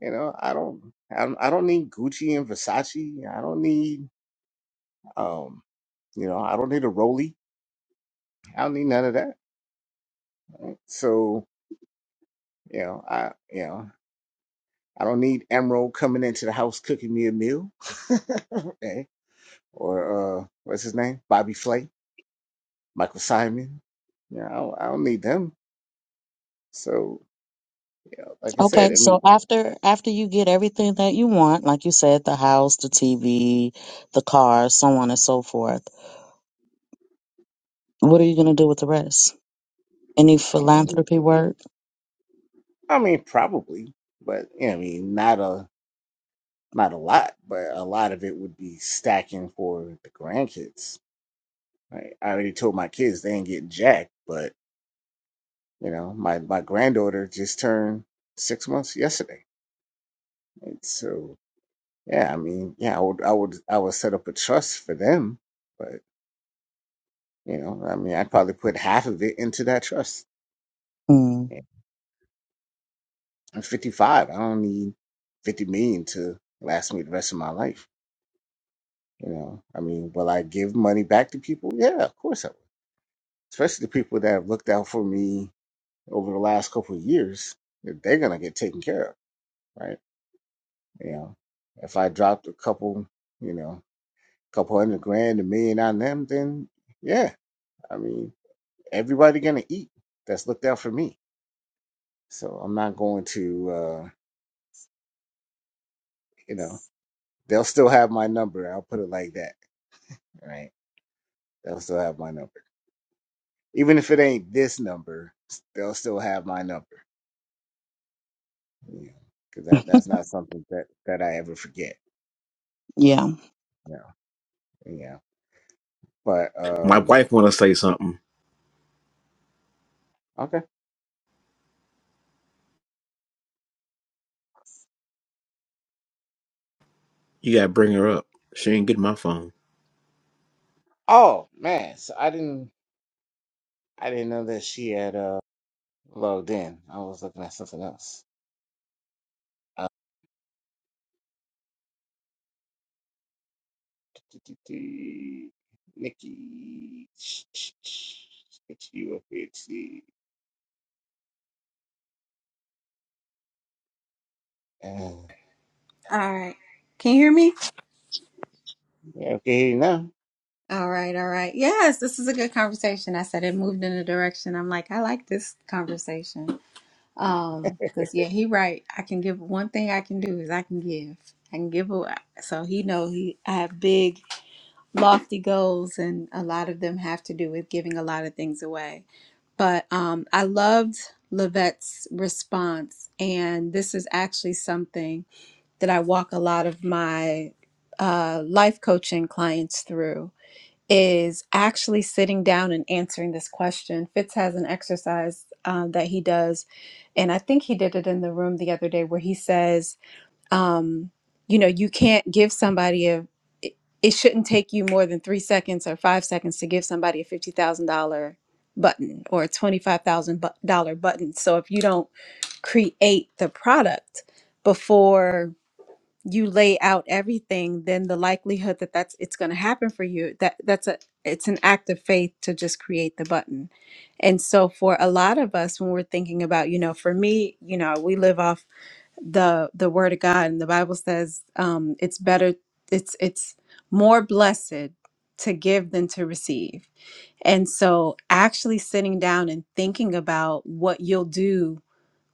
you know, I don't, I don't, I don't need Gucci and Versace. I don't need, um, you know, I don't need a Rolly. I don't need none of that. So you know, I you know. I don't need Emerald coming into the house cooking me a meal. okay. Or uh, what's his name? Bobby Flay, Michael Simon. Yeah, I don't, I don't need them. So, you know, like I said,
Okay,
I
so
mean,
after after you get everything that you want, like you said, the house, the TV, the car, so on and so forth. What are you gonna do with the rest? Any
I mean,
philanthropy work?
I mean, probably, but yeah, I mean, not a not a lot, but a lot of it would be stacking for the grandkids. Right? I already told my kids they ain't getting jack, but you know, my my granddaughter just turned six months yesterday, and so Yeah, I mean, yeah, I would, I would, I would set up a trust for them, but you know, I mean, I'd probably put half of it into that trust.
Hmm.
Yeah. I'm 55. I don't need 50 million to last me the rest of my life. You know, I mean, will I give money back to people? Yeah, of course I will. Especially the people that have looked out for me over the last couple of years. They're gonna get taken care of, right? You know, if I dropped a couple, you know, couple hundred grand, a million on them, then yeah, I mean. everybody gonna eat that's looked out for me so i'm not going to uh you know they'll still have my number i'll put it like that right they'll still have my number even if it ain't this number they'll still have my number you know, because that that's not something that that i ever forget
Yeah.
you know yeah but
My
um
wife wanna say something.
okay
You gotta bring her up. She ain't getting my phone.
oh man so i didn't i didn't know that she had uh logged in i was looking at something else Nikki, get you up here, see. Uh,
All right. Can you hear me?
yeah, okay, you now.
All right, all right. Yes, this is a good conversation. I said it moved in a direction. I'm like, I like this conversation. Um, because yeah, he right. I can give one thing I can do is I can give. I can give away. So he know he I have big, lofty goals and a lot of them have to do with giving a lot of things away. But um I loved Levette's response and this is actually something that I walk a lot of my uh, life coaching clients through is actually sitting down and answering this question. Fitz has an exercise um, that he does, and I think he did it in the room the other day where he says, um, you know, you can't give somebody a it it shouldn't take you more than three seconds or five seconds to give somebody a fifty thousand dollar button or a twenty five thousand dollar button. So if you don't create the product before you lay out everything then the likelihood that that's it's going to happen for you that that's a it's an act of faith to just create the button and so for a lot of us when we're thinking about you know for me you know we live off the the word of god and the bible says um it's better it's it's more blessed to give than to receive and so actually sitting down and thinking about what you'll do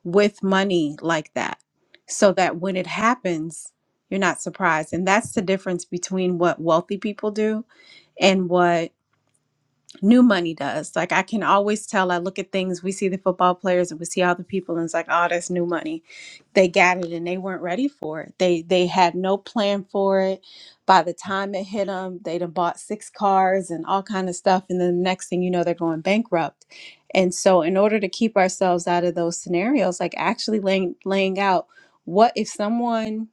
with money like that so that when it happens, you're not surprised. And that's the difference between what wealthy people do and what new money does. Like I can always tell. I look at things. We see the football players, and we see all the people, and it's like, oh, that's new money. They got it, and they weren't ready for it. They they had no plan for it. By the time it hit them, they'd have bought six cars and all kind of stuff, and then the next thing you know, they're going bankrupt. And so, in order to keep ourselves out of those scenarios, like actually laying laying out what if someone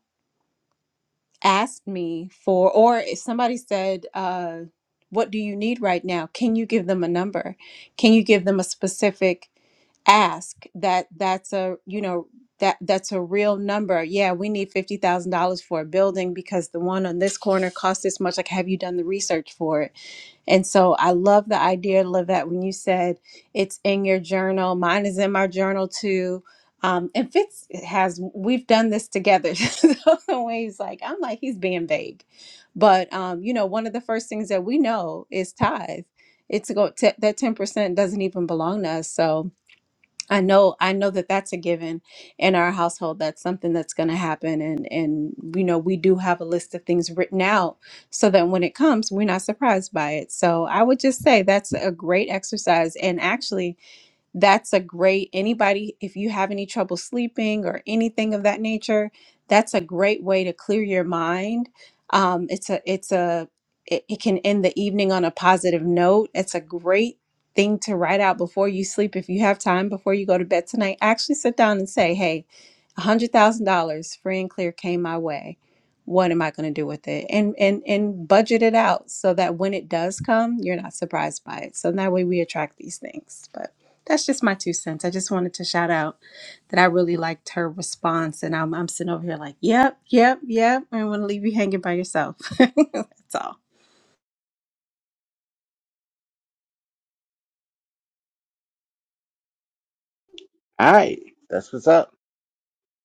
asked me for, or if somebody said, uh, What do you need right now? Can you give them a number? Can you give them a specific ask that that's a you know that that's a real number yeah we need $50000 for a building because the one on this corner costs this much like have you done the research for it and so I love the idea, Lavette, when you said it's in your journal. Mine is in my journal too. Um, and Fitz has, we've done this together. so the way he's like, I'm like, he's being vague. But, um, you know, one of the first things that we know is tithe. It's go, t- that 10% doesn't even belong to us. So, I know I know that that's a given in our household. That's something that's going to happen and and you know we do have a list of things written out so that when it comes we're not surprised by it. So I would just say that's a great exercise and actually that's a great anybody if you have any trouble sleeping or anything of that nature that's a great way to clear your mind um, it's a it's a it, it can end the evening on a positive note it's a great thing to write out before you sleep if you have time before you go to bed tonight actually sit down and say hey $100000 free and clear came my way what am i going to do with it and and and budget it out so that when it does come you're not surprised by it so that way we attract these things but that's just my two cents. I just wanted to shout out that I really liked her response, and I'm I'm sitting over here like, yep, yep, yep. I don't want to leave you hanging by yourself. that's all.
All right, that's what's up.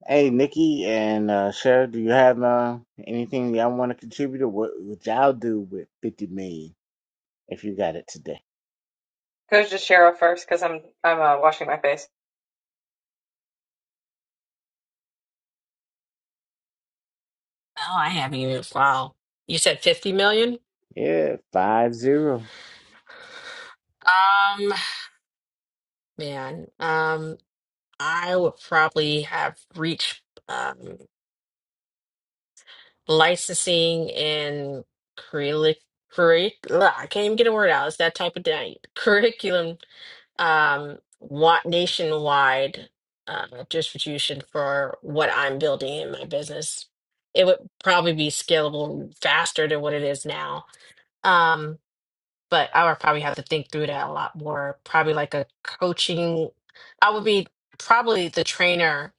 Hey, Nikki and uh, Cheryl, do you have uh, anything y'all want to contribute? Or what would y'all do with 50 million if you got it today?
Goes to Cheryl first because I'm I'm uh, washing my face.
Oh, I haven't even. Wow. You said 50 million?
Yeah, five zero.
Um, man, um, I would probably have reached um licensing and curric curric ugh, I can't even get a word out. It's that type of day. Curriculum um want nationwide uh, distribution for what I'm building in my business. It would probably be scalable faster than what it is now. Um, but I would probably have to think through that a lot more. Probably like a coaching, I would be probably the trainer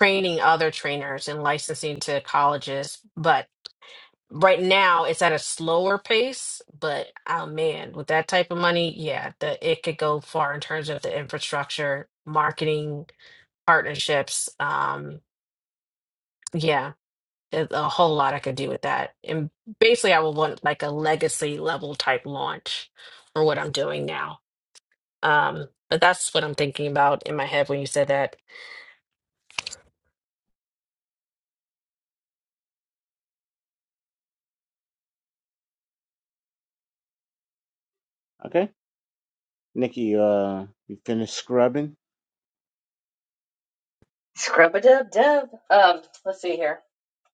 training other trainers and licensing to colleges. But right now it's at a slower pace. But oh man, with that type of money, yeah, the, it could go far in terms of the infrastructure, marketing, partnerships. Um, yeah, there's a whole lot I could do with that. And basically, I would want like a legacy level type launch for what I'm doing now. Um, but that's what I'm thinking about in my head when you said that.
Okay, Nikki, uh, you finished scrubbing?
Scrub a dub dub. Um, let's see here.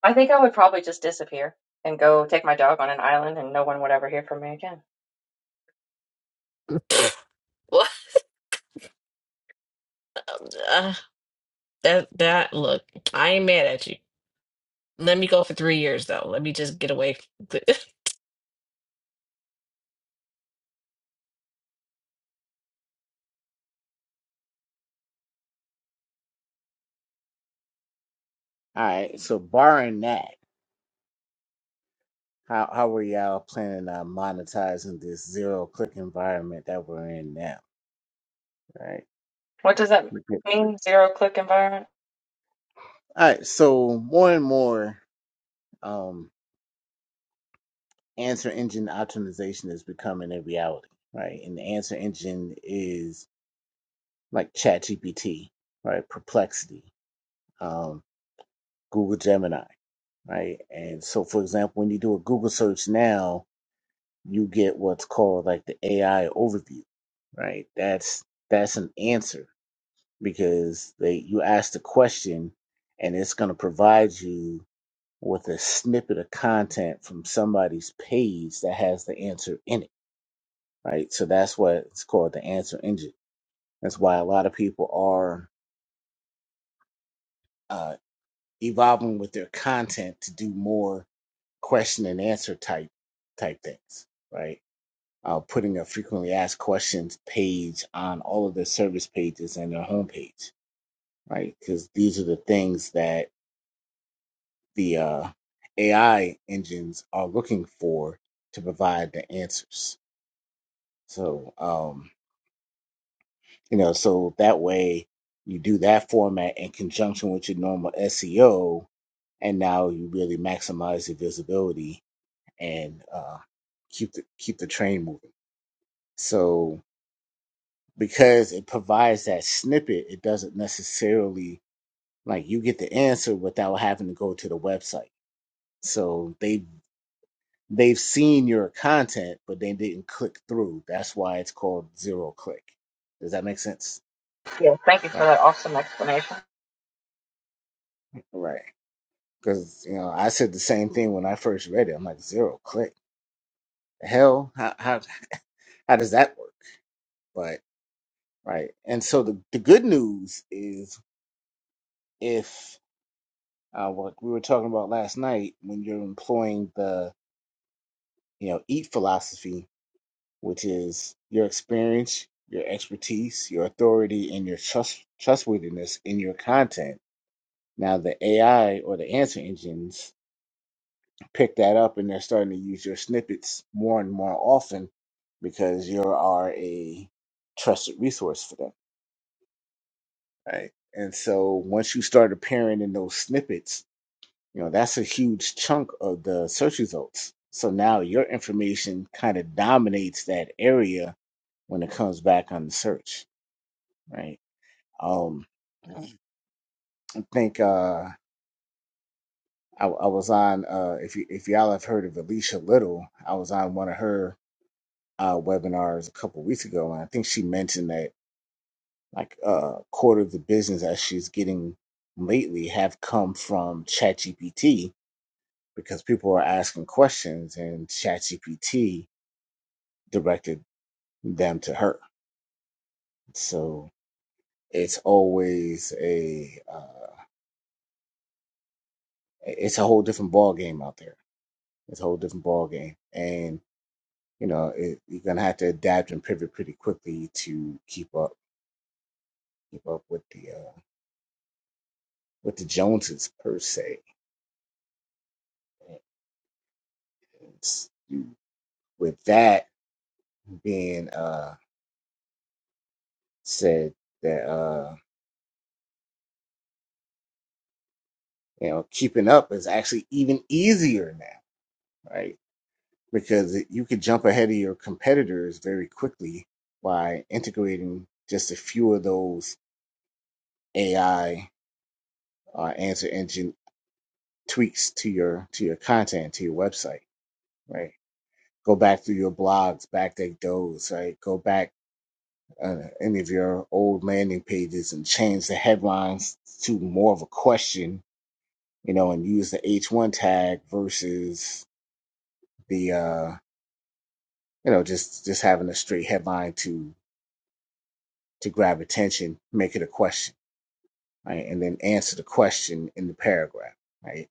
I think I would probably just disappear and go take my dog on an island, and no one would ever hear from me again.
Well, uh, that that look, I ain't mad at you. Let me go for three years though. Let me just get away.
All right, so barring that, how, how were y'all planning on monetizing this zero click environment that we're in now, right?
What does that
Okay.
mean? Zero click environment.
All right, so more and more, um, answer engine optimization is becoming a reality, right? And the answer engine is like ChatGPT, right? Perplexity, um, Google Gemini, right? And so, for example, when you do a Google search now, you get what's called like the AI overview, right? That's that's an answer because they you ask the question, and it's going to provide you with a snippet of content from somebody's page that has the answer in it, right? So that's what it's called the answer engine. That's why a lot of people are uh, evolving with their content to do more question and answer type type things, right? Uh, putting a frequently asked questions page on all of their service pages and their homepage, right? Because these are the things that the uh, AI engines are looking for to provide the answers So, um, you know, so that way you do that format in conjunction with your normal SEO, and now you really maximize your visibility and uh, keep the keep the train moving. So, because it provides that snippet, it doesn't necessarily like you get the answer without having to go to the website. So they they've seen your content, but they didn't click through. That's why it's called zero click. Does that make sense?
Yeah. Thank you for
Right.
that awesome explanation.
Right. because you know I said the same thing when I first read it. I'm like zero click. The hell, how how how does that work? But right, and so the the good news is if uh, what we were talking about last night, when you're employing the you know eat philosophy, which is your experience, your expertise, your authority, and your trust trustworthiness in your content. Now the AI or the answer engines pick that up and they're starting to use your snippets more and more often because you are a trusted resource for them, right? And so once you start appearing in those snippets, you know, that's a huge chunk of the search results. So now your information kind of dominates that area when it comes back on the search, right? Um, I think uh, I, I was on uh, if you, if y'all have heard of Alicia Little, I was on one of her uh, webinars a couple weeks ago, and I think she mentioned that like a uh, quarter of the business that she's getting lately have come from ChatGPT because people are asking questions and ChatGPT directed them to her. So it's always a uh, it's a whole different ball game out there. It's a whole different ball game, and you know it, you're gonna have to adapt and pivot pretty quickly to keep up keep up with the uh, with the Joneses per se s- with that being uh said that uh you know keeping up is actually even easier now right because it- you could jump ahead of your competitors very quickly by integrating just a few of those ai uh, answer engine tweaks to your to your content to your website right go back through your blogs backdate those right go back uh, any of your old landing pages and change the headlines to more of a question you know, and use the H1 tag versus the, uh, you know, just, just having a straight headline to, to grab attention, make it a question, right? And then answer the question in the paragraph, right?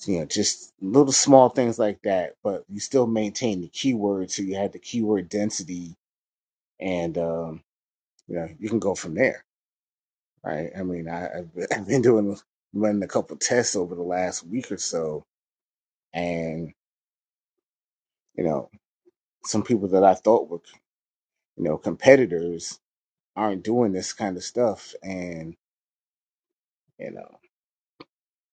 So, you know, just little small things like that, but you still maintain the keyword. So you have the keyword density and, um, you know, you can go from there, right? I mean, I, I've been I've been doing, running a couple tests over the last week or so and, you know, some people that I thought were you know, competitors aren't doing this kind of stuff. And, you know,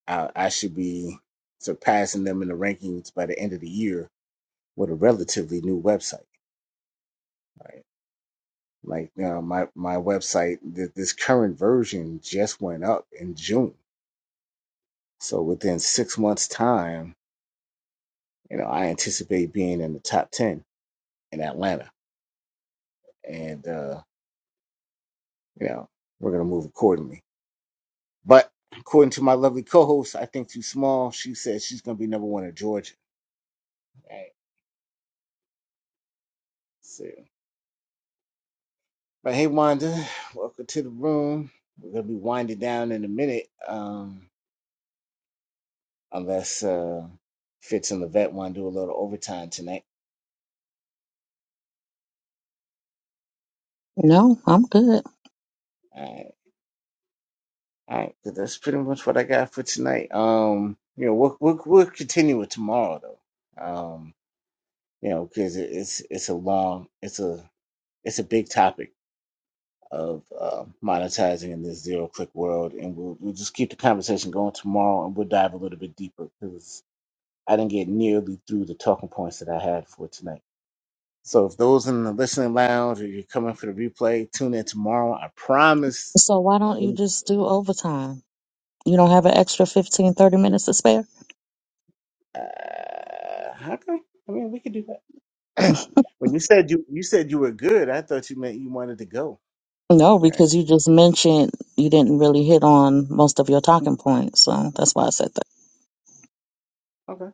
I, I should be surpassing them in the rankings by the end of the year with a relatively new website, right? Like, you know, my, my website, th- this current version just went up in June. So within six months' time, you know, I anticipate being in the top 10 in Atlanta. And, uh, you know, we're going to move accordingly. But according to my lovely co host, I think too small. She says she's going to be number one in Georgia. Right. So, but hey, Wanda, welcome to the room. We're gonna be winding down in a minute, um, unless uh, Fitz and Levette want to do a little overtime tonight.
No, I'm good.
All right, all right. But that's pretty much what I got for tonight. Um, you know, we'll we'll, we'll continue with tomorrow though. Um, you know, because it, it's it's a long, it's a it's a big topic of uh, monetizing in this zero click world, and we'll we'll just keep the conversation going tomorrow, and we'll dive a little bit deeper because I didn't get nearly through the talking points that I had for tonight. So if those in the listening lounge or you're coming for the replay, tune in tomorrow. I promise.
So why don't you
Uh,
just do overtime? You don't have an extra 15, 30 minutes to spare?
how come? I mean, we could do that. when you said you you said you were good, I thought you meant you wanted to go.
No,
All right.
because you just mentioned you didn't really hit on most of your talking points, so that's why I said that.
Okay. All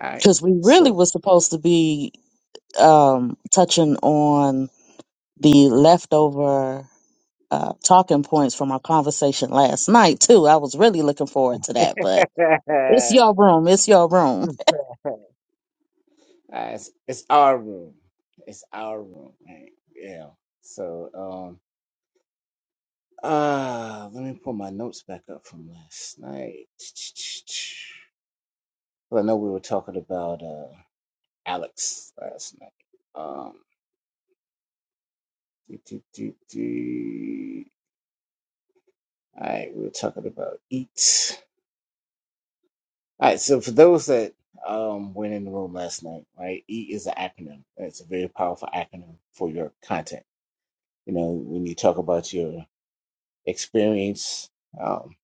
right.
Because we really
So
were supposed to be um, touching on the leftover uh, talking points from our conversation last night too. I was really looking forward to that, but
all
it's
right,
your room. It's your room.
it's, it's our room. It's our room. All Right? Yeah. So um uh let me pull my notes back up from last night. Well, I know we were talking about uh, Alex last night. Um, do, do, do, do. All right, we were talking about EAT. All right, so for those that um, went in the room last night, right, EAT is an acronym. It's a very powerful acronym for your content. You know, when you talk about your experience, um,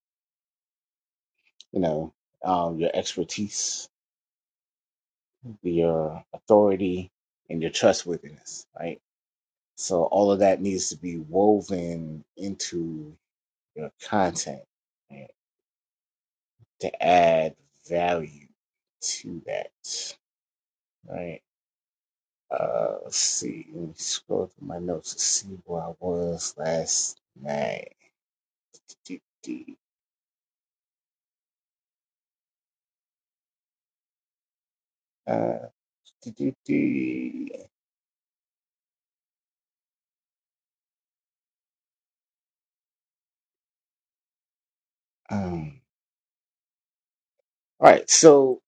you know, um, your expertise, your authority, and your trustworthiness, right? So all of that needs to be woven into your content right, to add value to that. Right. Uh, let's see. Let me scroll through my notes to see where I was last night. Uh, um, all right. So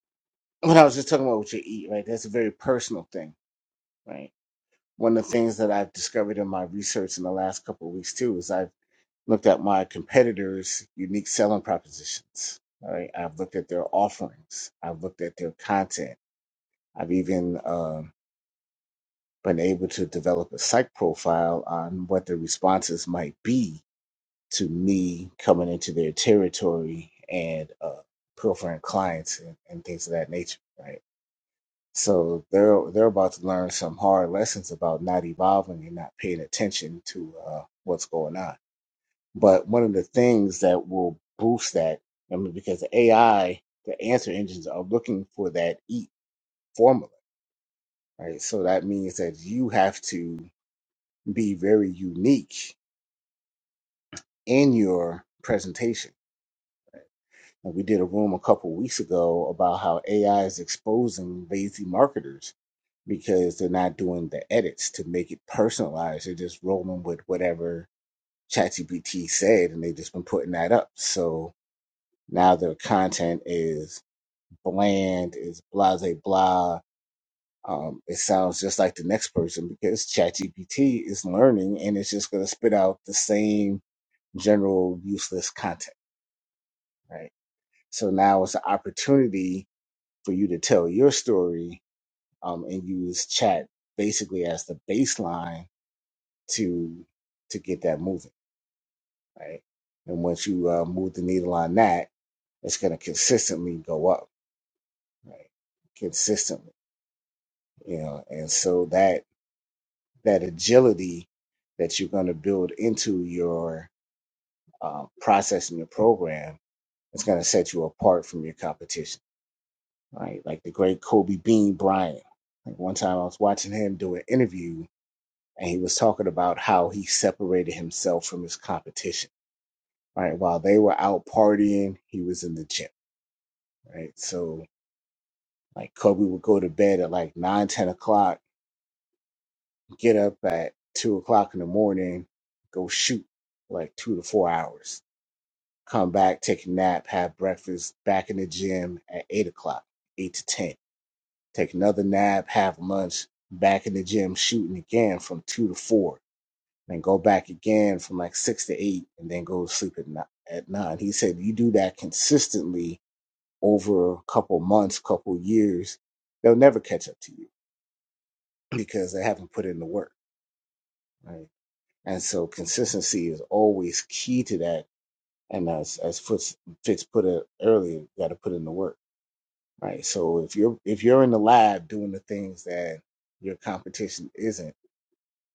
what I was just talking about what you eat, right? That's a very personal thing, right? One of the things that I've discovered in my research in the last couple of weeks too is I. looked at my competitors' unique selling propositions. Right? I've looked at their offerings. I've looked at their content. I've even um been able to develop a psych profile on what the responses might be to me coming into their territory and uh, pilfering clients and, and things of that nature. Right. So they're they're about to learn some hard lessons about not evolving and not paying attention to uh, what's going on But one of the things that will boost that, I mean, because the AI, the answer engines are looking for that EAT formula, right? So that means that you have to be very unique in your presentation. And we did a room a couple weeks ago about how AI is exposing lazy marketers because they're not doing the edits to make it personalized. They're just rolling with whatever ChatGPT said, and they've just been putting that up. So now their content is bland, it's blah, blah, blah. Um, it sounds just like the next person because ChatGPT is learning and it's just going to spit out the same general useless content, right? So now it's an opportunity for you to tell your story um, and use chat basically as the baseline to to get that moving, right? And once you uh, move the needle on that, it's going to consistently go up, right? Consistently, you know, and so that that agility that you're going to build into your uh, process and your program is going to set you apart from your competition, right? Like the great Kobe Bean Bryant. Like one time I was watching him do an interview and he was talking about how he separated himself from his competition, right? While they were out partying, he was in the gym, right? So like Kobe would go to bed at like nine ten o'clock, get up at two o'clock in the morning, go shoot like two to four hours come back, take a nap, have breakfast, back in the gym at eight o'clock, eight to ten. Take another nap, have lunch, back in the gym shooting again from two to four, then go back again from like six to eight, and then go to sleep at nine. At nine. He said, you do that consistently over a couple months, couple years, they'll never catch up to you because they haven't put in the work. Right. And so consistency is always key to that. And as as Fitz, Fitz put it earlier, you got to put in the work right? So if you're if you're in the lab doing the things that your competition isn't,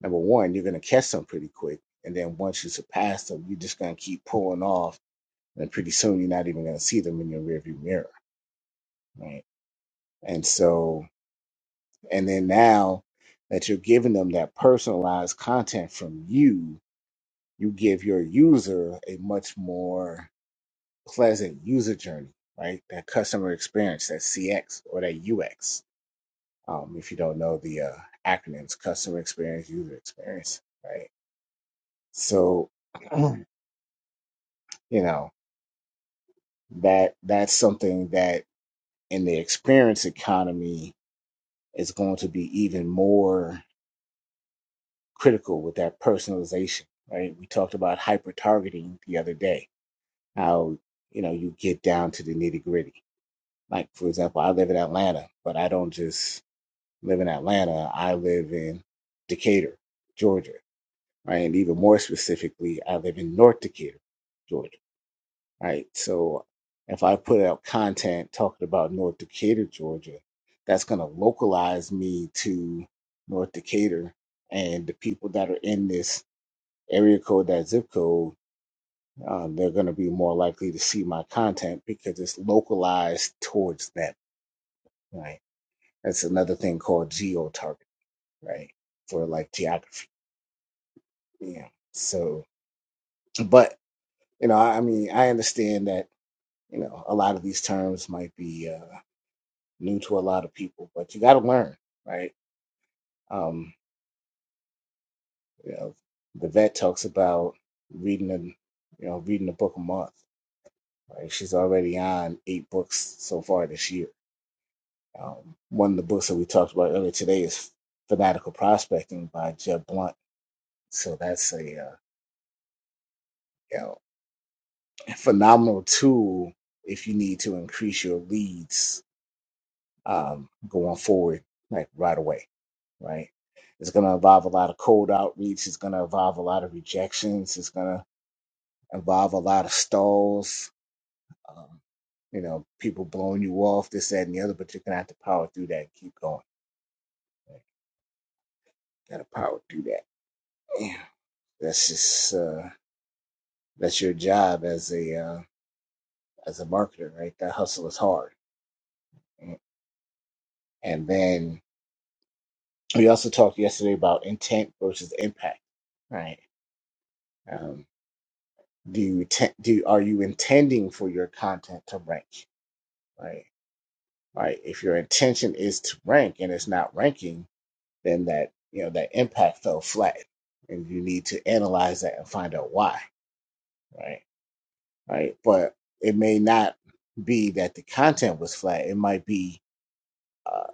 number one, you're gonna catch them pretty quick, and then once you surpass them, you're just gonna keep pulling off, and pretty soon you're not even gonna see them in your rearview mirror, right? And so, and then now that you're giving them that personalized content from you, you give your user a much more pleasant user journey, right? That customer experience, that CX or that UX Um, if you don't know the uh, acronyms, customer experience, user experience, right? So, you know that that's something that in the experience economy is going to be even more critical with that personalization, right? We talked about hyper targeting the other day. How you know you get down to the nitty gritty. Like for example, I live in Atlanta, but I don't just live in Atlanta. I live in Decatur, Georgia. right? And even more specifically, I live in North Decatur, Georgia, right? So if I put out content talking about North Decatur, Georgia, that's going to localize me to North Decatur and the people that are in this area code, that zip code, um, they're going to be more likely to see my content because it's localized towards them, right? That's another thing called geo targeting, right? For like geography, yeah. So, but you know, I I mean, I understand that You know, a lot of these terms might be uh, new to a lot of people, but you got to learn, right? Um, you know, the vet talks about reading a, you know, reading a book a month. Right? She's already on eight books so far this year. Um, one of the books that we talked about earlier today is Fanatical Prospecting by Jeb Blunt. So that's a uh, you know phenomenal tool if you need to increase your leads um, going forward, like right away, right? It's going to involve a lot of cold outreach. It's going to involve a lot of rejections. It's going to involve a lot of stalls. Um, you know, people blowing you off, this, that, and the other. But you're going to have to power through that and keep going. Got to power through that. Yeah. That's just uh, that's your job as a uh, as a marketer, right? That hustle is hard. And then we also talked yesterday about intent versus impact, right? Um, do you te- do are you intending for your content to rank right right if your intention is to rank and it's not ranking then that you know that impact fell flat and you need to analyze that and find out why right right but it may not be that the content was flat it might be uh,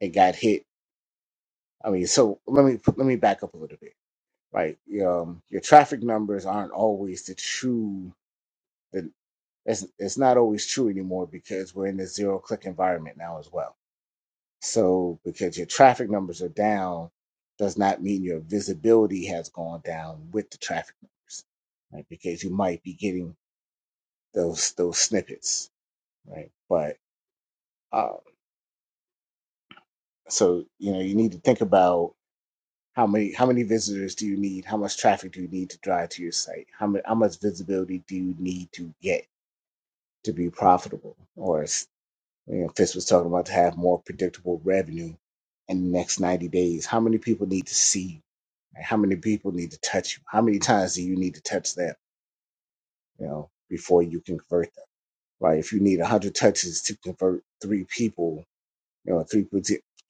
it got hit i mean so let me let me back up a little bit right um, your traffic numbers aren't always the true It, it's it's not always true anymore because we're in this zero click environment now as well. So because your traffic numbers are down does not mean your visibility has gone down with the traffic numbers, right? Because you might be getting those those snippets, right? But uh, so you know you need to think about how many how many visitors do you need? How much traffic do you need to drive to your site? How much how much visibility do you need to get to be profitable or You know, Fitz was talking about to have more predictable revenue in the next 90 days. How many people need to see you? Like, How many people need to touch you? How many times do you need to touch them, you know, before you can convert them? Right? If you need 100 touches to convert three people, you know, 3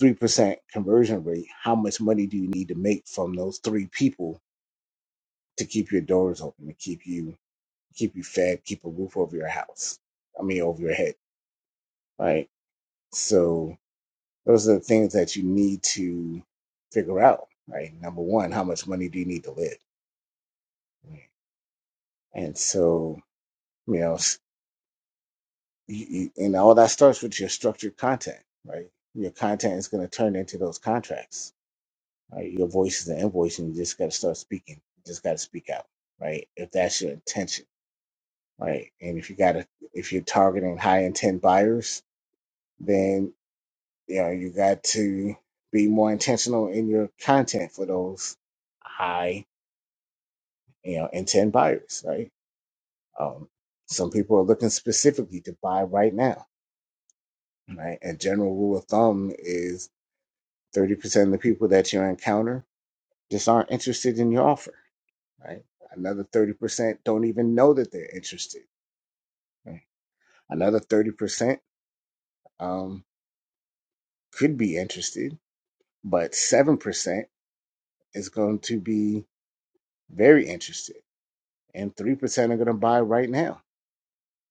3% conversion rate, how much money do you need to make from those three people to keep your doors open, to keep you keep you fed, keep a roof over your house? I mean, over your head, right? So, Those are the things that you need to figure out, right? Number one, how much money do you need to live? And so, you know, s- you, you, and all that starts with your structured content, right? Your content is going to turn into those contracts, right? Your voice is an invoice, and you just got to start speaking. You just got to speak out, right? If that's your intention, right? And if you got to, if you're targeting high intent buyers, then you know you got to be more intentional in your content for those high. you know, and 10 buyers, right? Um, some people are looking specifically to buy right now, right? A general rule of thumb is 30% of the people that you encounter just aren't interested in your offer, right? Another 30% don't even know that they're interested. Right? Another 30% um, could be interested, but 7% is going to be very interested, and 3% are going to buy right now,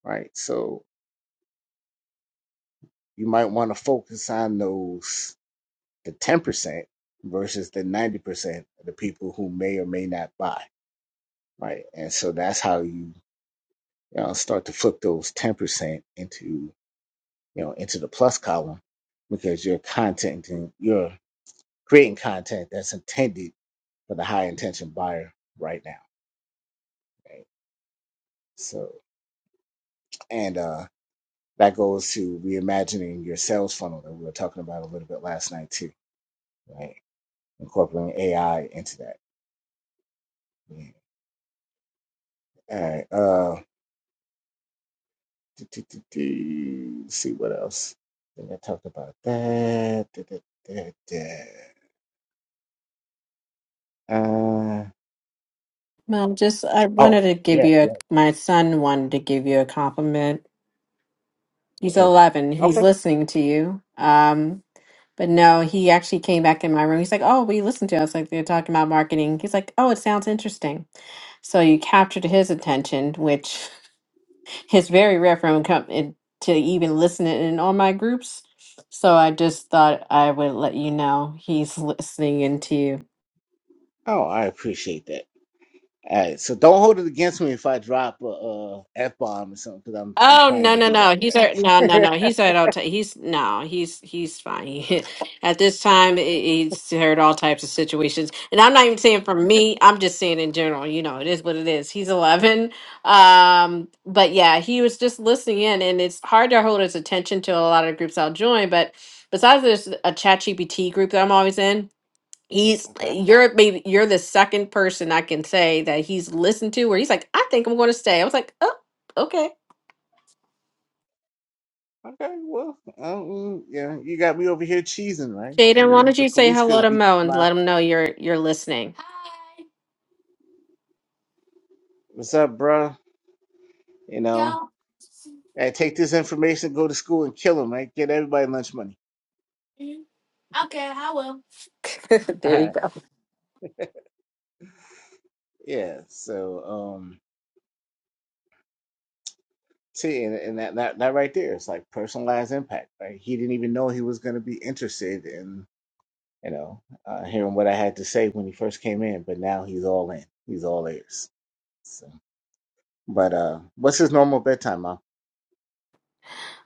right? So you might want to focus on those the 10% versus the 90% of the people who may or may not buy, right? And so that's how you, you know, start to flip those 10% into, you know, into the plus column because you're content and you're creating content that's intended for the high intention buyer right now, right? So, and uh, that goes to reimagining your sales funnel that we were talking about a little bit last night too, right? Incorporating AI into that. Yeah. All right. uh, Do, do, do, do. Let's See what else? I think I talked about that. Da, da, da, da. Uh,
Mom, just I wanted
oh,
to give
yeah,
you a,
yeah.
my son wanted to give you a compliment. He's
Cool.
11. He's
Okay.
listening to you. Um, but no, he actually came back in my room. He's like, "Oh, we listened to us. Like they're talking about marketing." He's like, "Oh, it sounds interesting." So you captured his attention, which it's very rare for him to come in to even listen in on my groups. So I just thought I would let you know he's listening into you.
Oh, I appreciate that. All right. So don't hold it against me if I drop a, a f bomb or something, because I'm I'm
Oh
prone
no
to
no
do that,
no he's
right?
at no no no he's at all ti- he's no he's he's fine He- at this time he- he's heard all types of situations and I'm not even saying from me I'm just saying in general you know it is what it is he's 11 um but yeah he was just listening in and it's hard to hold his attention to a lot of groups I'll join but besides there's a chat GPT group that I'm always in he's
Okay.
you're maybe you're the second person I can say that he's listened to where he's like I think I'm going to stay I was like oh okay
Okay. Well, um, yeah, you got me over here cheesing, right? I
Jaden, why
mean,
don't
the
you say
police
hello
could
to
beat the
Mo and let
smile.
him know you're you're listening?
What's up, bro? You know,
Y'all.
hey, take this information, go to school, and kill him, right? Get everybody lunch money.
Mhm. Okay, I will. there you go.
Yeah. So, um, see, and, and that, that that right there is like personalized impact, right? He didn't even know he was going to be interested in, you know, uh, hearing what I had to say when he first came in, but now he's all in. He's all ears. So, but uh, what's his normal bedtime, Mom?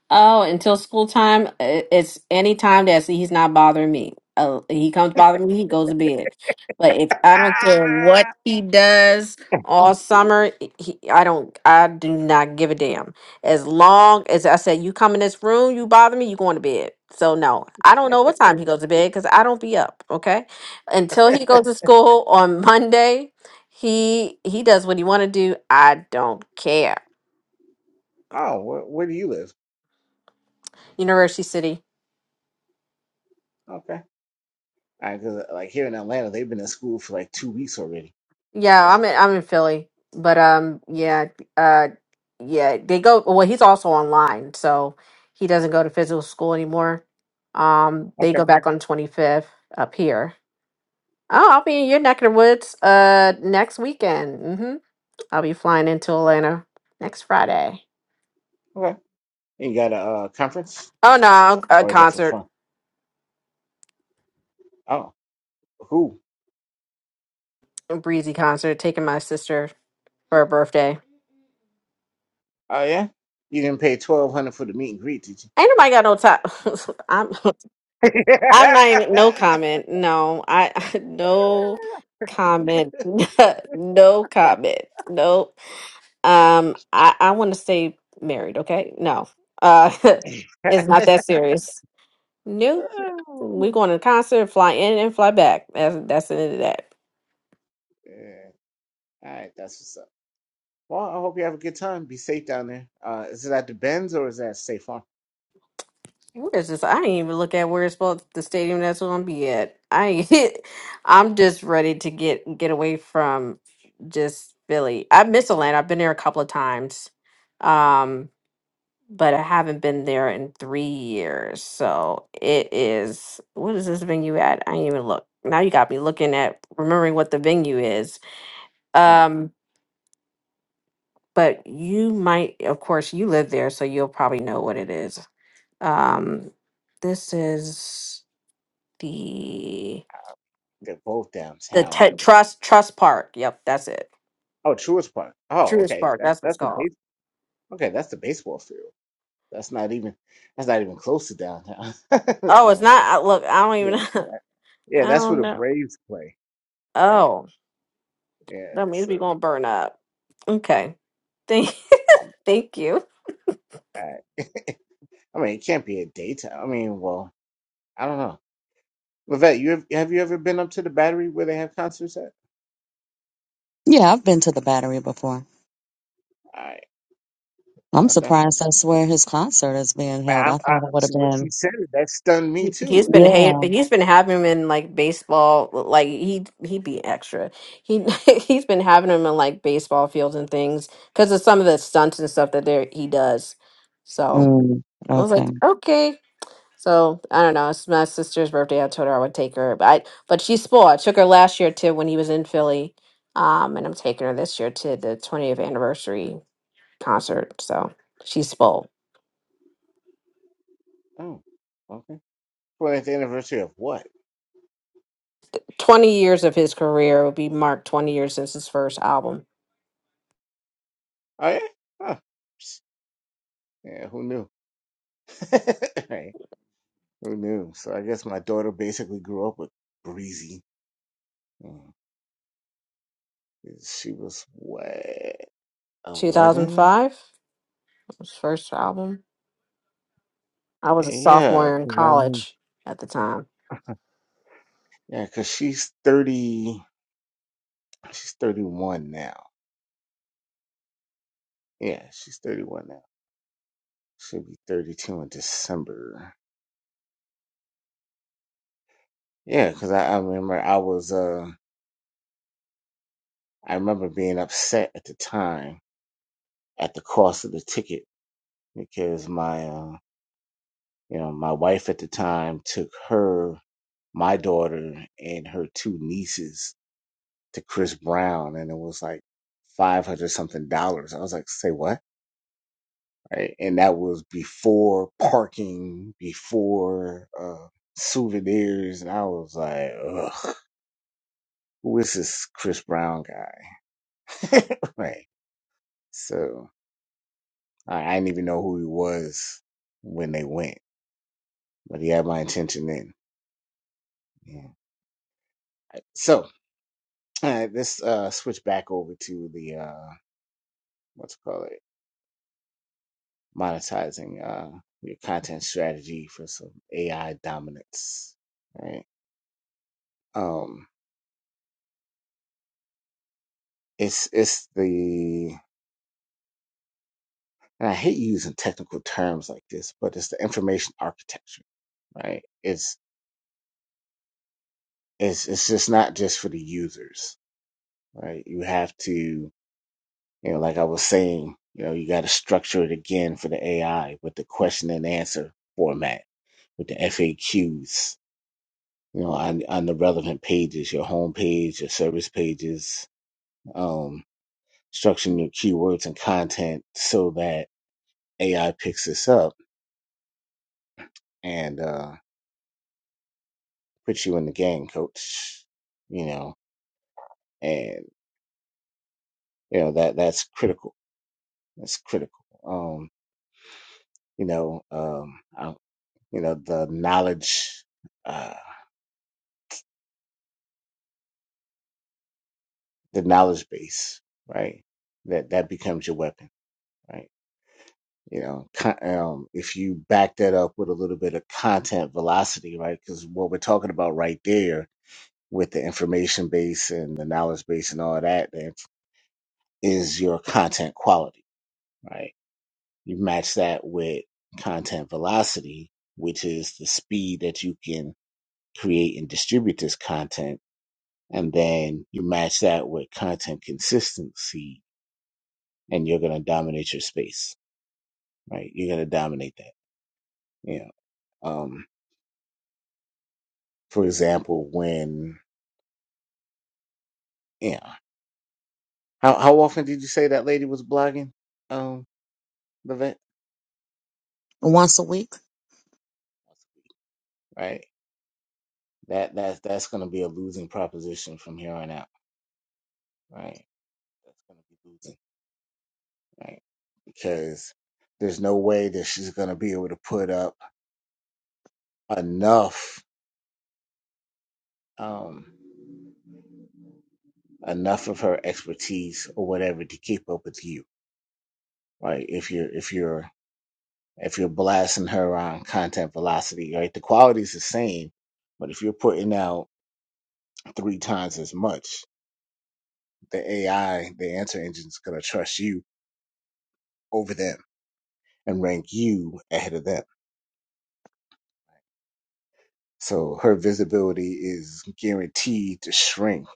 Oh, until school time, i- it's any time that he's not bothering me. Uh, he comes bothering me, he goes to bed. But if I don't care what he does all summer, he, I don't, I do not give a damn. As long as I said, you come in this room, you bother me, you going to bed. So no, I don't know what time he goes to bed because I don't be up. Okay, until he goes to school on Monday, he he does what he want to do. I don't care.
Oh, where, where do you live?
University City.
Okay. I cause like here in Atlanta, they've been in school for like two weeks already.
Yeah,
So,
I'm in, I'm in Philly, but um, yeah, uh, yeah, they go. Well, he's also online, so he doesn't go to physical school anymore. Um, they go back on 25th up here. Oh, I'll be in your neck of the woods uh next weekend. Mm-hmm. I'll be flying into Atlanta next Friday.
okay. You got a uh, conference,
Oh no, a
or is it for
concert,
fun? Oh, who?
a breezy concert, taking my sister for her birthday.
Oh yeah. You didn't pay twelve hundred for the meet and greet, did you?
Ain't nobody got no time. I'm I'm not even no comment. No, I no comment. no comment. Nope. Um, I I want to stay married. Okay, no. Uh, it's not that serious. Nope. We are going to the concert, fly in and fly back. That's that's the end of that.
Yeah. All right, that's what's up. Well, I hope you have a good time. Be safe down there. Uh, is it at the Benz or is that Safe Farm?
Where's this? I didn't even look at where it's supposed the stadium that's gonna be at. I ain't- I'm just ready to get get away from just Philly. I miss Atlanta. I've been there a couple of times, um, but I haven't been there in three years. So it is. What is this venue at? I didn't even look. Now you got me looking at remembering what the venue is.
Mm.
Um, but you might, of course, you live there, so you'll probably know what it is. Um, this is. the
Uh, They're both
the te-
downtown. But...
trust trust park. Yep, that's it.
Oh, Truist Park. Oh,
Truist
okay.
Park.
That,
That's what it's
that's the
called.
base. Okay, that's the baseball field. That's not even. That's not even close to downtown.
Oh, it's
Oh.
not. I, look, I don't
Yeah,
even.
that-
I
yeah, that's where
don't
the
know.
Braves play. Eh,
Oh,
Yeah,
that means we
so
gonna burn up. Okay. Thank
um,
thank you.
I, I mean, it can't be a daytime. I mean, well, I don't know. Levette, you have, have you ever been up to the Battery where they have concerts at?
Yeah, I've been to the Battery before.
All right,
I'm
okay.
surprised that's where his concert is being
Man,
held. I
I, I,
thought it would have
so when she
been.
said it, that stunned me
He- He's
too.
been
I, am
hate.
Yeah.
like,
He's been having him in like baseball. Like he he would be extra. He he's been having him in like baseball fields and things because of some of the stunts and stuff that there he does. So
Mm,
I was
okay.
like, okay. So I don't know. It's my sister's birthday. I told her I would take her, but I, but she's spoiled. I took her last year to when he was in Philly, um, and I'm taking her this year to the 20th anniversary concert. So she's spoiled.
oh, okay. 20th anniversary of what?
20 years of his career. will be marked 20 years since his first album.
Oh yeah, huh. Psst, Yeah, who knew? Right, Who knew? So I guess my daughter basically grew up with Breezy. Mm. She was way. Eleven?
2005, his first album. I was a
Yeah,
sophomore in
'cause I mean,
college at the time.
yeah, 'cause she's thirty. She's thirty-one now. Yeah, she's thirty-one now. She'll be thirty-two in December. Yeah, 'cause I, I remember I was uh I remember being upset at the time at the cost of the ticket because my uh you know my wife at the time took her my daughter and her two nieces to Chris Brown and it was like five hundred something dollars. I was like, say what? right? And that was before parking, before uh, souvenirs, and I was like, ugh, who is this Chris Brown guy? right. So I, I didn't even know who he was when they went, but he had my attention then. Yeah. So uh, let's uh, switch back over to the uh, what's it called it monetizing uh, your content strategy for some AI dominance, right? Um, it's it's the and I hate using technical terms like this, but it's the information architecture, right? It's it's it's just not just for the users, right? You have to, you know, like I was saying, you know, you got to structure it again for the AI with the question and answer format, with the FAQs, you know, on on the relevant pages, your home page, your service pages, um, structuring your keywords and content so that AI picks this up and uh put you in the game, coach. You know, and you know that that's critical. That's critical. Um, you know, um, I, you know the knowledge, uh, the knowledge base, right? That that becomes your weapon, right? You know, con- um, if you back that up with a little bit of content velocity, right? Because what we're talking about right there with the information base and the knowledge base and all that, that is your content quality, right? You match that with content velocity, which is the speed that you can create and distribute this content. And then you match that with content consistency and you're going to dominate your space, right? You're going to dominate that. You know, um, for example, when, you know, how, how often did you say that lady was blogging? Um, the vet,
Once a week.
right? That, that, that's going to be a losing proposition from here on out, right? That's gonna be losing. right? Because there's no way that she's going to be able to put up enough, um, enough of her expertise or whatever to keep up with you, right? If you're, if you're, if you're blasting her on content velocity, right? The quality's the same, but if you're putting out three times as much, the AI, the answer engine's going to trust you over them and rank you ahead of them. So her visibility is guaranteed to shrink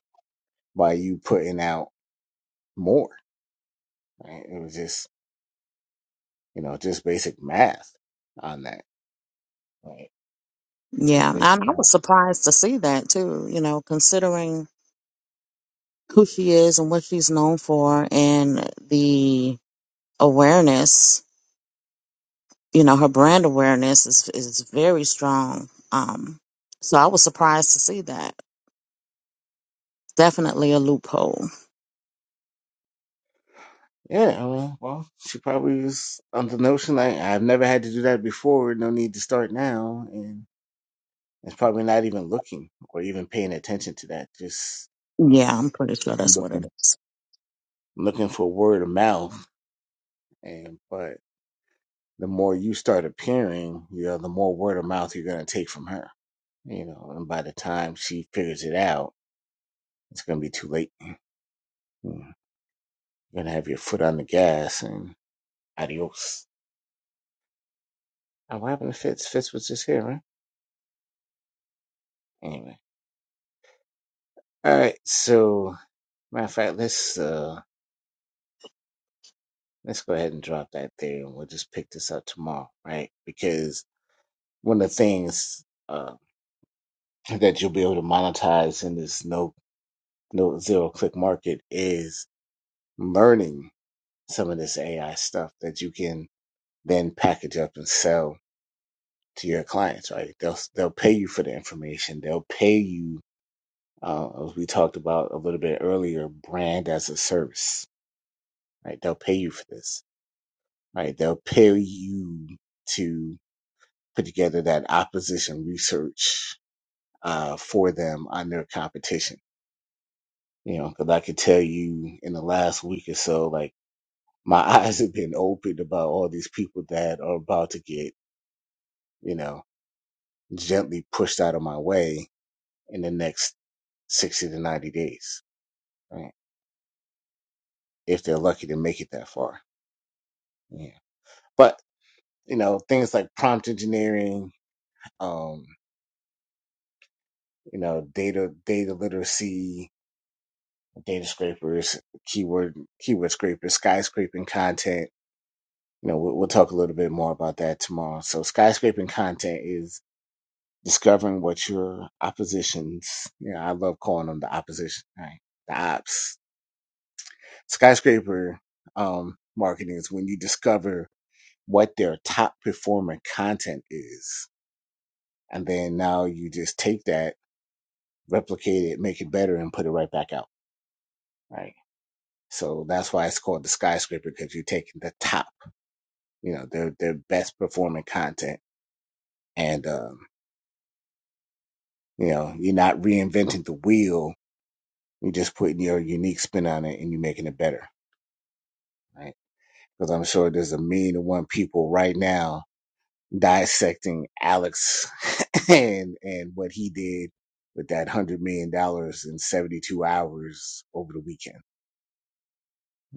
by you putting out more Right? It was just, you know, just basic math on that. Right?
Yeah,
Just
and
basic.
I was surprised to see that too. You know, considering who she is and what she's known for, and the awareness. You know, her brand awareness is is very strong. Um, so I was surprised to see that. Definitely a loophole.
Yeah. I mean, well, she probably was on the notion like I've never had to do that before. No need to start now, and it's probably not even looking or even paying attention to that. Just
Yeah, I'm pretty sure that's what it
looking,
is.
looking for word of mouth. And but the more you start appearing, you know, the more word of mouth you're gonna take from her. You know, and by the time she figures it out, it's gonna be too late. Mm, You're gonna have your foot on the gas, and. Adios. Oh, what happened to Fitz? Fitz was just here, right? Anyway. All right. So, matter of fact, let's uh let's go ahead and drop that there, and we'll just pick this up tomorrow, right? Because one of the things uh, that you'll be able to monetize in this no no zero click market is learning some of this AI stuff that you can then package up and sell to your clients, right? They'll they'll pay you for the information. They'll pay you Uh, as we talked about a little bit earlier, brand as a service, right? They'll pay you for this, right? They'll pay you to put together that opposition research uh, for them on their competition. You know, because I could tell you in the last week or so, like my eyes have been opened about all these people that are about to get, you know, gently pushed out of my way in the next 60 to 90 days, right? If they're lucky to make it that far. Yeah. but. you know things like prompt engineering um you know data data literacy data scrapers keyword keyword scrapers skyscraping content you know we'll, we'll talk a little bit more about that tomorrow so skyscraping content is discovering what your oppositions you know i love calling them the opposition right the ops skyscraper um marketing is when you discover what their top performing content is and then now you just take that replicate it, make it better, and put it right back out. Right. So that's why it's called the skyscraper because you're taking the top, you know, their their best performing content, and um, you know, you're not reinventing the wheel. You're just putting your unique spin on it, and you're making it better. Right. Because I'm sure there's a million and one people right now dissecting Alex and and what he did with that hundred million dollars in 72 hours over the weekend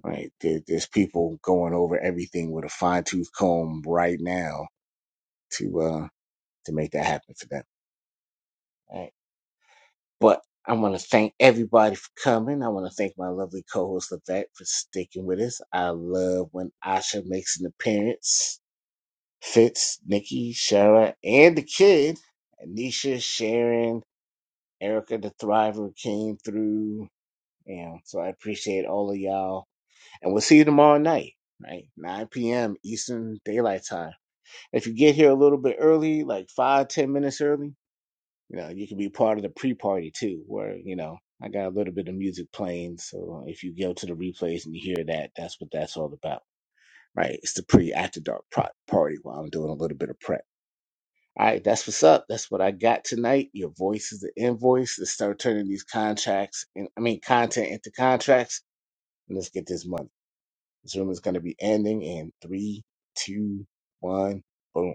Right. There, there's people going over everything with a fine tooth comb right now to uh to make that happen for them. Right. But I want to thank everybody for coming. I want to thank my lovely co-host Levette for sticking with us. I love when Asha makes an appearance. Fitz, Nikki, Shara, and the kid, Anisha, Sharon, Erica, the Thriver came through. And so I appreciate all of y'all. And we'll see you tomorrow night, right? 9 p.m. Eastern Daylight Time If you get here a little bit early, like five, ten minutes early, you know, you can be part of the pre-party too, where, you know, I got a little bit of music playing. So if you go to the replays and you hear that, that's what that's all about, right? It's the pre-after dark pro- party while I'm doing a little bit of prep. All right, that's what's up. That's what I got tonight. Your voice is the invoice. Let's start turning these contracts and I mean content into contracts and let's get this money. This room is going to be ending in three, two, one. Boom.